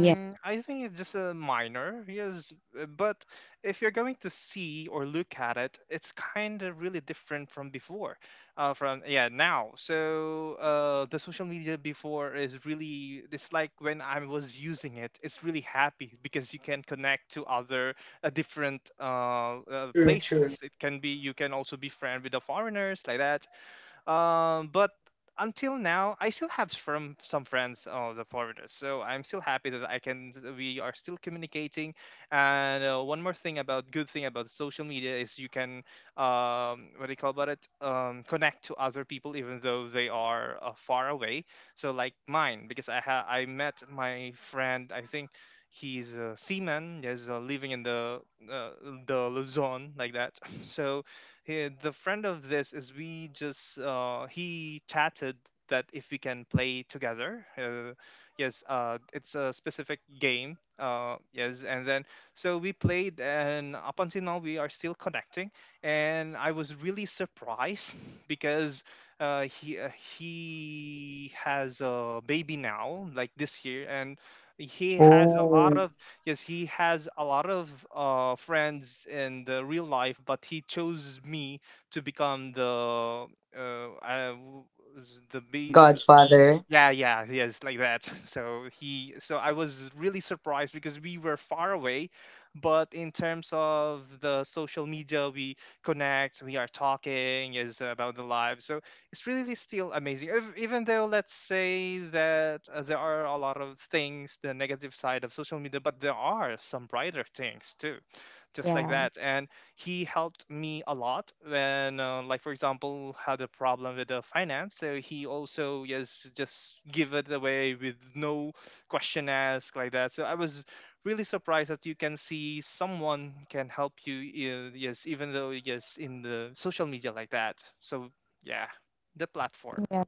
Speaker 2: Yeah.
Speaker 3: I think it's just a minor, yes. But if you're going to see or look at it, it's kind of really different from before, from yeah now. So the social media before is really, it's like when I was using it, it's really happy because you can connect to other different places. It can be, you can also be friend with the foreigners like that. But until now, I still have from some friends of the foreigners, so I'm still happy that I can. We are still communicating. And one more thing about good thing about social media is you can what do you call about it? Connect to other people even though they are far away. So like mine, because I met my friend. I think he's a seaman. He's living in uh, the Luzon like that. So he, the friend of this is, we just he chatted that if we can play together, yes, it's a specific game, yes. And then so we played, and up until now we are still connecting, and I was really surprised because uh, he uh, he has a baby now like this year, and he has a lot
Speaker 1: Oh,
Speaker 3: of, yes, he has a lot of friends in the real life, but he chose me to become the I was the be the, w-
Speaker 1: godfather.
Speaker 3: yeah yeah yes like that. So he, so I was really surprised because we were far away, but in terms of the social media, we connect, we are talking is about the live. So it's really still amazing. Even though let's say that there are a lot of things, the negative side of social media, but there are some brighter things too, just like
Speaker 2: Yeah.
Speaker 3: that. And he helped me a lot when, like for example, had a problem with the finance. So he also, yes, just give it away with no question asked like that. So I was really surprised that you can see someone can help you, yes, even though, yes, in the social media like that. So yeah, the platform.
Speaker 2: Yeah.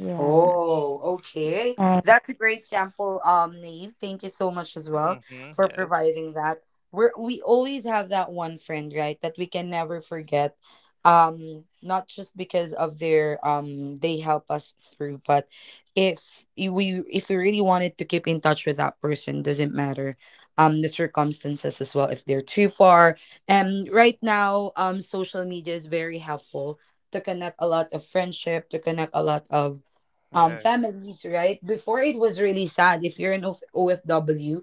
Speaker 2: Yeah.
Speaker 1: Oh, okay.
Speaker 2: Uh,
Speaker 1: That's a great sample, Nave. Thank you so much as well
Speaker 3: hmm
Speaker 1: for
Speaker 3: Yes.
Speaker 1: providing that. We always have that one friend, right, that we can never forget. Not just because of their they help us through, but if we really wanted to keep in touch with that person, doesn't matter the circumstances as well if they're too far. And right now, social media is very helpful to connect a lot of friendship, to connect a lot of
Speaker 3: Yeah.
Speaker 1: families. Right, before it was really sad if you're an OFW,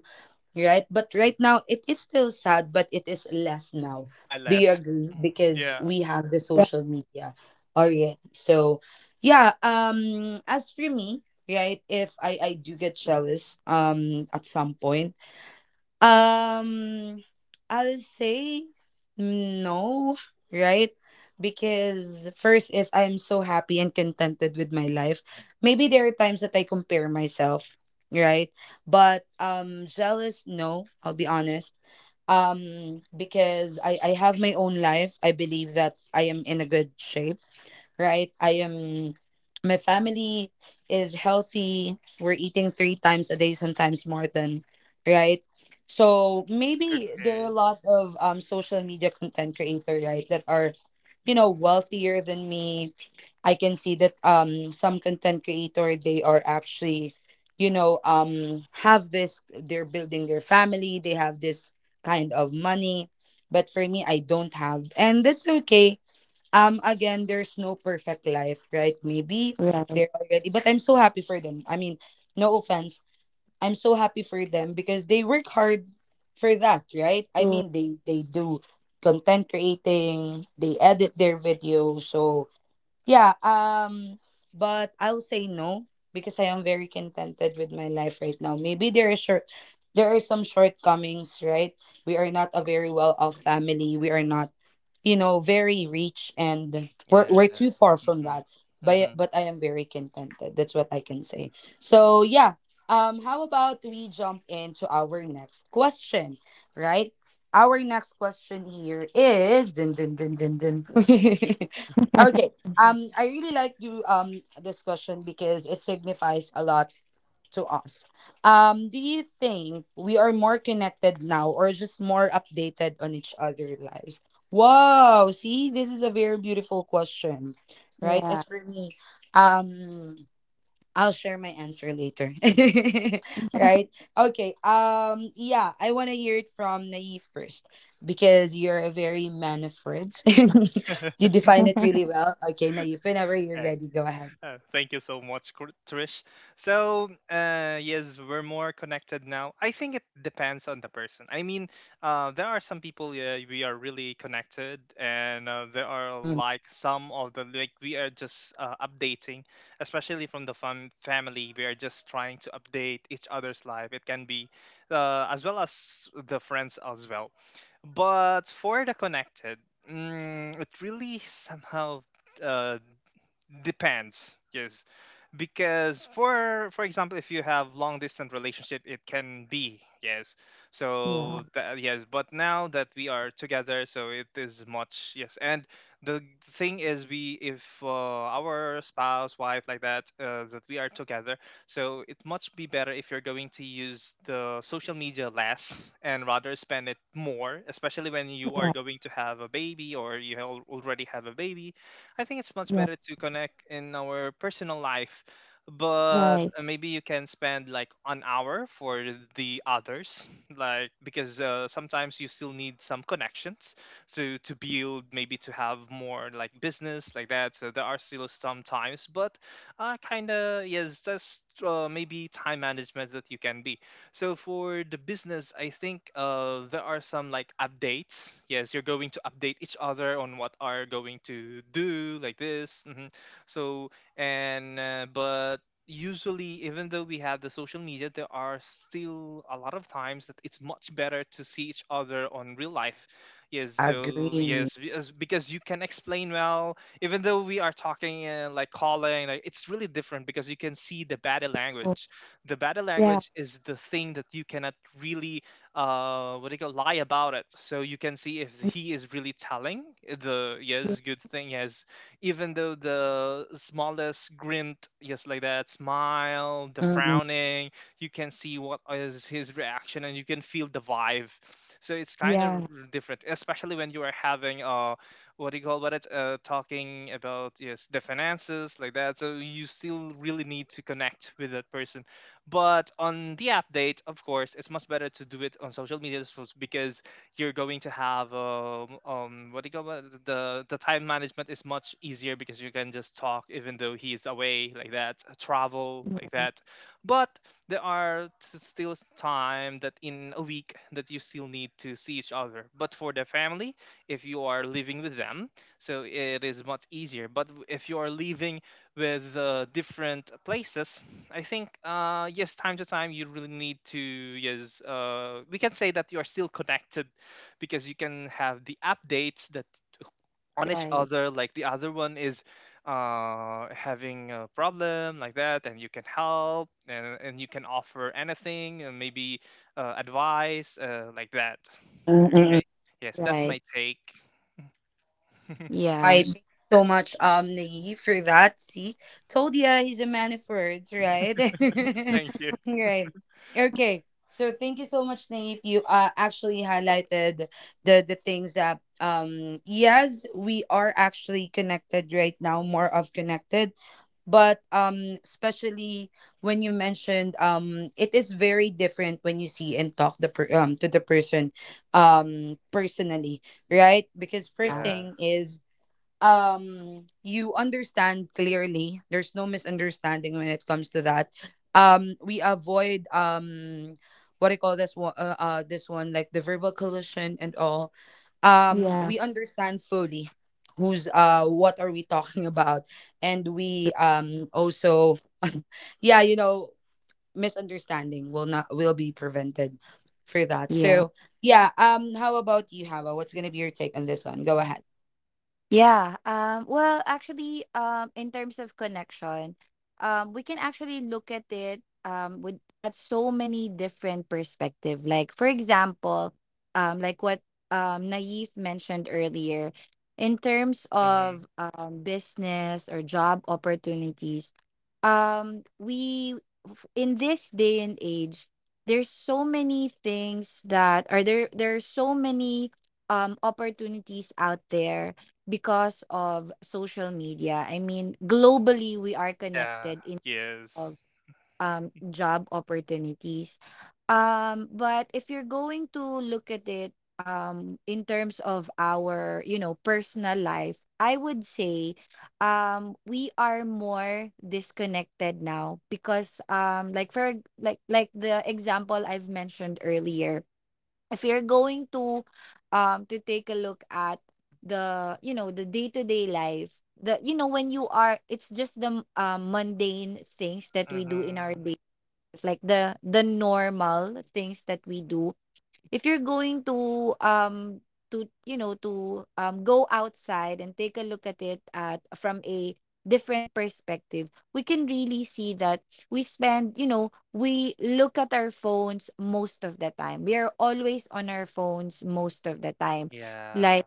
Speaker 1: right? But right now it is still sad, but it is less now.
Speaker 3: Yeah.
Speaker 1: Do you
Speaker 3: Less.
Speaker 1: agree? Because
Speaker 3: Yeah.
Speaker 1: we have the
Speaker 2: yeah.
Speaker 1: social media already. So yeah, as for me, right, if I do get jealous at some point, um, I'll say no, right? Because first is I'm so happy and contented with my life. Maybe there are times that I compare myself, right? But jealous, no, I'll be honest. Because I have my own life. I believe that I am in a good shape, right? I am, my family is healthy. We're eating three times a day, sometimes more than, right? So maybe there are
Speaker 3: Okay.
Speaker 1: a lot of social media content creator, right, that are wealthier than me. I can see that some content creator, they are actually, have this. They're building their family. They have this kind of money, but for me, I don't have, and that's okay. Again, there's no perfect life, right? Maybe
Speaker 2: Yeah.
Speaker 1: they're already, but I'm so happy for them. I mean, no offense, I'm so happy for them because they work hard for that, right? I
Speaker 2: Cool.
Speaker 1: mean, they do content creating, they edit their videos. So yeah, but I'll say no because I am very contented with my life right now. Maybe there are some shortcomings, right? We are not a very well off family, we are not very rich, and we're,
Speaker 3: Yeah.
Speaker 1: we're too far from
Speaker 3: Mm-hmm.
Speaker 1: that, but
Speaker 3: Mm-hmm.
Speaker 1: but I am very contented. That's what I can say. So yeah, how about we jump into our next question, right? Our next question here is dun, dun, dun, dun, dun. Okay. I really like you this question because it signifies a lot to us. Do you think we are more connected now or just more updated on each other lives? Wow, see, this is a very beautiful question, right?
Speaker 2: yeah.
Speaker 1: As for me, um, I'll share my answer later. Right? Okay. Yeah, I want to hear it from Naif first because you're a very man of words. You define it really well. Okay, Naif, whenever you're
Speaker 3: Hey.
Speaker 1: ready, go ahead.
Speaker 3: Thank you so much, Trish. So, yes, we're more connected now. I think it depends on the person. I mean, there are some people, yeah, we are really connected, and there are
Speaker 1: Mm-mm.
Speaker 3: like some of the, like we are just updating, especially from the family. We are just trying to update each other's life. It can be as well as the friends as well. But for the connected, it really somehow uh, depends, yes. Because for example, if you have long distance relationship, it can be, yes,
Speaker 2: yeah.
Speaker 3: so yes, but now that we are together, so it is much, yes. And the thing is we, if our spouse wife like that, that we are together, so it much be better if you're going to use the social media less and rather spend it more, especially when you are
Speaker 2: Yeah.
Speaker 3: going to have a baby or you already have a baby. I think it's much
Speaker 2: Yeah.
Speaker 3: better to connect in our personal life, but
Speaker 2: Right.
Speaker 3: maybe you can spend like an hour for the others, like because sometimes you still need some connections to build, maybe to have more like business like that. So there are still some times, but kind of yes, just maybe time management that you can be. So for the business, I think there are some like updates. Yes, you're going to update each other on what are going to do like this. So and but usually, even though we have the social media, there are still a lot of times that it's much better to see each other on real life, yes. So
Speaker 1: Agree.
Speaker 3: yes, because you can explain well, even though we are talking like calling, like it's really different because you can see the body
Speaker 2: Cool.
Speaker 3: language, the body
Speaker 2: Yeah.
Speaker 3: language is the thing that you cannot really what do you call, lie about it. So you can see if he is really telling the,
Speaker 2: Yeah.
Speaker 3: yes, good thing, yes. Even though the smallest grint, yes, like that, smile, the
Speaker 1: Mm-mm.
Speaker 3: frowning, you can see what is his reaction and you can feel the vibe. So it's kind of
Speaker 2: Yeah.
Speaker 3: different, especially when you are having what do you call it, talking about, yes, the finances like that. So you still really need to connect with that person. But on the update, of course, it's much better to do it on social media. Because you're going to have what do you call it? The time management is much easier because you can just talk even though he's away like that, travel like that. But there are still time that in a week that you still need to see each other. But for the family, if you are living with them, so it is much easier. But if you are living with different places, I think yes, time to time you really need to, yes, we can say that you are still connected because you can have the updates that on each
Speaker 2: Right.
Speaker 3: other, like the other one is having a problem like that, and you can help, and you can offer anything, and maybe advice, like that.
Speaker 1: Mm-mm.
Speaker 3: Okay, yes, that's my
Speaker 2: Right.
Speaker 3: take.
Speaker 2: Yeah.
Speaker 1: Right. Thank you so much, Naive, for that. See, told ya he's a man of words, right?
Speaker 3: Thank you.
Speaker 1: Right. Okay. So thank you so much, Naive. You actually highlighted the things that yes, we are actually connected right now, more of connected. But especially when you mentioned it is very different when you see and talk to the person personally, right? Because first
Speaker 2: Yeah.
Speaker 3: Yeah.
Speaker 1: thing is you understand clearly there's no misunderstanding when it comes to that. We avoid what I call this one, like the verbal collision and all.
Speaker 2: Yeah.
Speaker 1: We understand fully who's what are we talking about, and we also yeah, misunderstanding will not will be prevented for that.
Speaker 2: Yeah.
Speaker 1: So yeah, how about you, Hava? What's gonna be your take on this one? Go ahead.
Speaker 2: Yeah. Well, actually, in terms of connection, we can actually look at it with at so many different perspective. Like, for example, like what Naif mentioned earlier, in terms
Speaker 3: hmm
Speaker 2: of business or job opportunities, we in this day and age, there's so many things that are there. There are so many opportunities out there because of social media. I mean, globally we are
Speaker 3: yeah.
Speaker 2: connected in
Speaker 3: Yes.
Speaker 2: of job opportunities. But if you're going to look at it in terms of our, you know, personal life, I would say we are more disconnected now because like for like the example I've mentioned earlier, if you're going to take a look at the day-to-day life, the you know when you are, it's just the mundane things that we do in our
Speaker 3: hmm
Speaker 2: day life, like the normal things that we do. If you're going to go outside and take a look at it at from a different perspective, we can really see that we spend, you know, we look at our phones most of the time, we are always on our phones most of the time.
Speaker 3: yeah.
Speaker 2: Like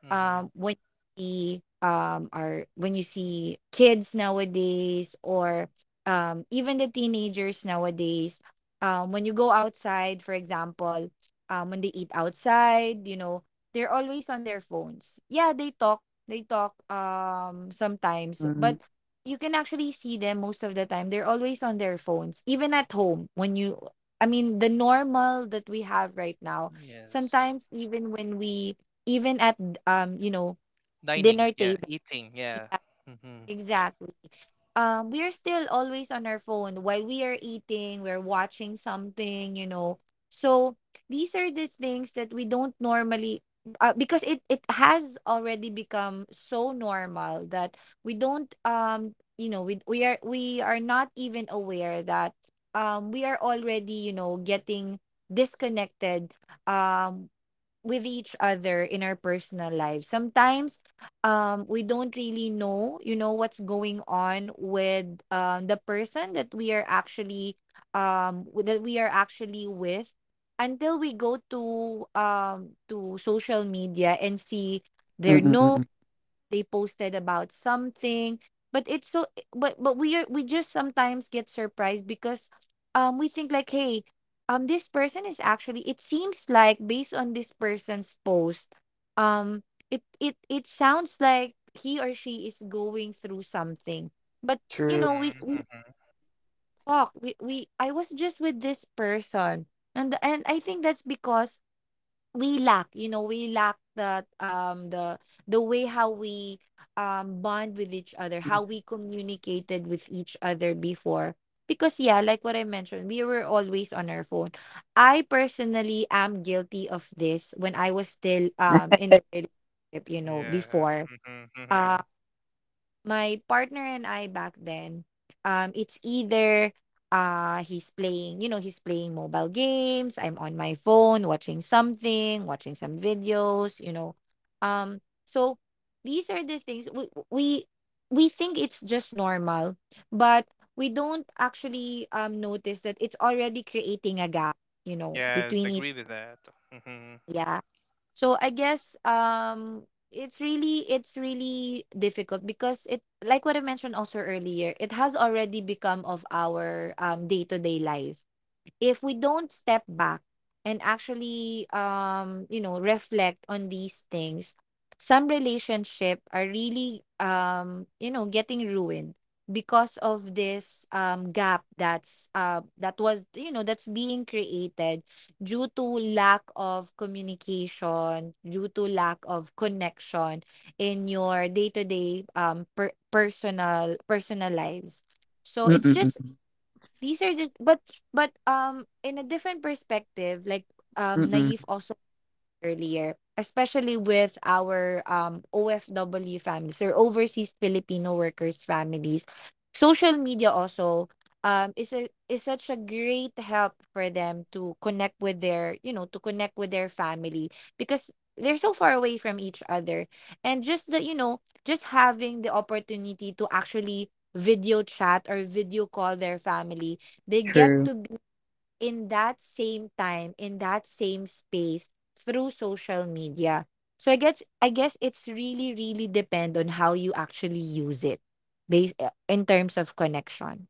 Speaker 3: hmm
Speaker 2: when you see are when you see kids nowadays, or even the teenagers nowadays, when you go outside for example, when they eat outside, you know, they're always on their phones. Yeah, they talk sometimes,
Speaker 1: Mm-mm.
Speaker 2: but you can actually see them most of the time they're always on their phones. Even at home when you, I mean the normal that we have right now,
Speaker 3: Yes.
Speaker 2: sometimes even when we, even at you know
Speaker 3: Dining,
Speaker 2: dinner
Speaker 3: yeah.
Speaker 2: table,
Speaker 3: Eating, yeah.
Speaker 2: yeah
Speaker 3: Mm-hmm.
Speaker 2: exactly, we're still always on our phone while we are eating, we're watching something, you know. So these are the things that we don't normally because it has already become so normal that we don't you know we are not even aware that we are already, you know, getting disconnected um with each other in our personal lives. Sometimes we don't really know, you know, what's going on with the person that we are actually that we are actually with, until we go to social media and see their notes
Speaker 1: Mm-mm-mm.
Speaker 2: they posted about something. But it's so, but we are, we just sometimes get surprised because we think like, hey, this person is actually, it seems like based on this person's post um it sounds like he or she is going through something, but you
Speaker 3: Mm-hmm.
Speaker 1: True.
Speaker 2: know we
Speaker 3: Mm-hmm.
Speaker 2: talk we I was just with this person. And I think that's because we lack you know we lack that the way how we bond with each other, how we communicated with each other before, because yeah, like what I mentioned, we were always on our phone. I personally am guilty of this when I was still in the relationship, you know,
Speaker 3: Yeah.
Speaker 2: before,
Speaker 3: Mm-hmm. Mm-hmm.
Speaker 2: my partner and I back then, it's either he's playing, you know, he's playing mobile games, I'm on my phone watching something, watching some videos, you know. Um, so these are the things, we think it's just normal, but we don't actually notice that it's already creating a gap, you know,
Speaker 3: Yes,
Speaker 2: between
Speaker 3: agree
Speaker 2: each,
Speaker 3: with that. Mm-hmm.
Speaker 2: yeah. So I guess it's really, difficult because it, like what I mentioned also earlier, it has already become of our day-to-day life. If we don't step back and actually you know reflect on these things, some relationship are really you know getting ruined because of this gap that's that was you know that's being created due to lack of communication, due to lack of connection in your day-to-day personal lives. So it's
Speaker 1: Mm-mm.
Speaker 2: just. These are the, but, in a different perspective, like,
Speaker 1: Mm-mm.
Speaker 2: Naif als earlier, especially with our OFW families or overseas Filipino workers families, social media also is a, is such a great help for them to connect with their you know to connect with their family because they're so far away from each other. And just the you know just having the opportunity to actually video chat or video call their family, they get
Speaker 1: True.
Speaker 2: to in that same time, in that same space through social media. So I guess, it's really really depend on how you actually use it based in terms of connection.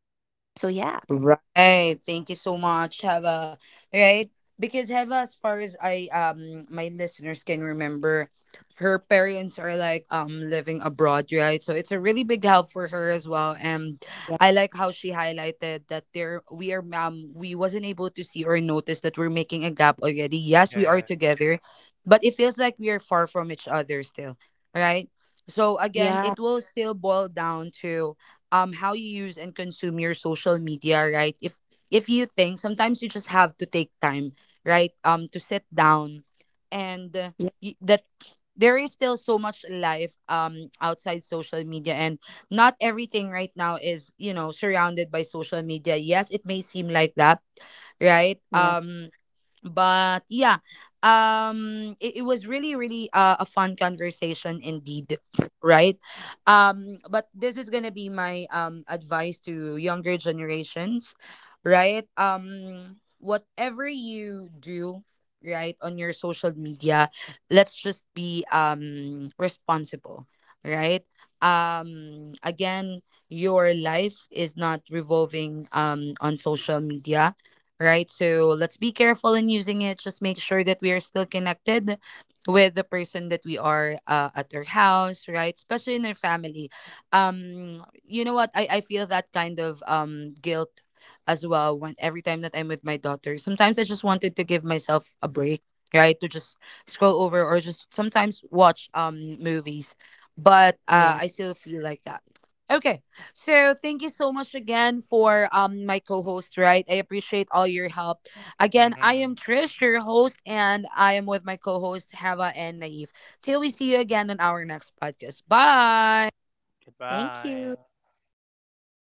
Speaker 2: So yeah.
Speaker 1: Right. Thank you so much, Hava. Right. Because Hava, as far as I my listeners can remember, her parents are like living abroad, right? So it's a really big help for her as well. And
Speaker 2: Yeah.
Speaker 1: I like how she highlighted that there we wasn't able to see or notice that we're making a gap already. Yes, we are
Speaker 3: Yeah.
Speaker 1: together, but it feels like we are far from each other still, right? So again,
Speaker 2: Yeah.
Speaker 1: it will still boil down to how you use and consume your social media, right? If you think sometimes you just have to take time, right? To sit down and that there is still so much life outside social media, and not everything right now is surrounded by social media. Yes, it may seem like that, right?
Speaker 2: Yeah.
Speaker 1: But yeah, it was really really a fun conversation indeed, right? But this is gonna be my advice to younger generations, right? Whatever you do, right, on your social media, let's just be responsible, right? Again, your life is not revolving on social media, right? So let's be careful in using it. Just make sure that we are still connected with the person that we are at their house, right? Especially in their family. You know what? I feel that kind of guilt as well when every time that I'm with my daughter. Sometimes I just wanted to give myself a break, right? To just scroll over or just sometimes watch movies. But
Speaker 2: Yeah.
Speaker 1: I still feel like that. Okay. So thank you so much again for my co-host, right? I appreciate all your help. Again, I
Speaker 3: Mm-hmm.
Speaker 1: am Trish, your host, and I am with my co-host Hava and Naive. Till we see you again on our next podcast. Bye.
Speaker 2: Thank
Speaker 3: Goodbye.
Speaker 2: you. Bye.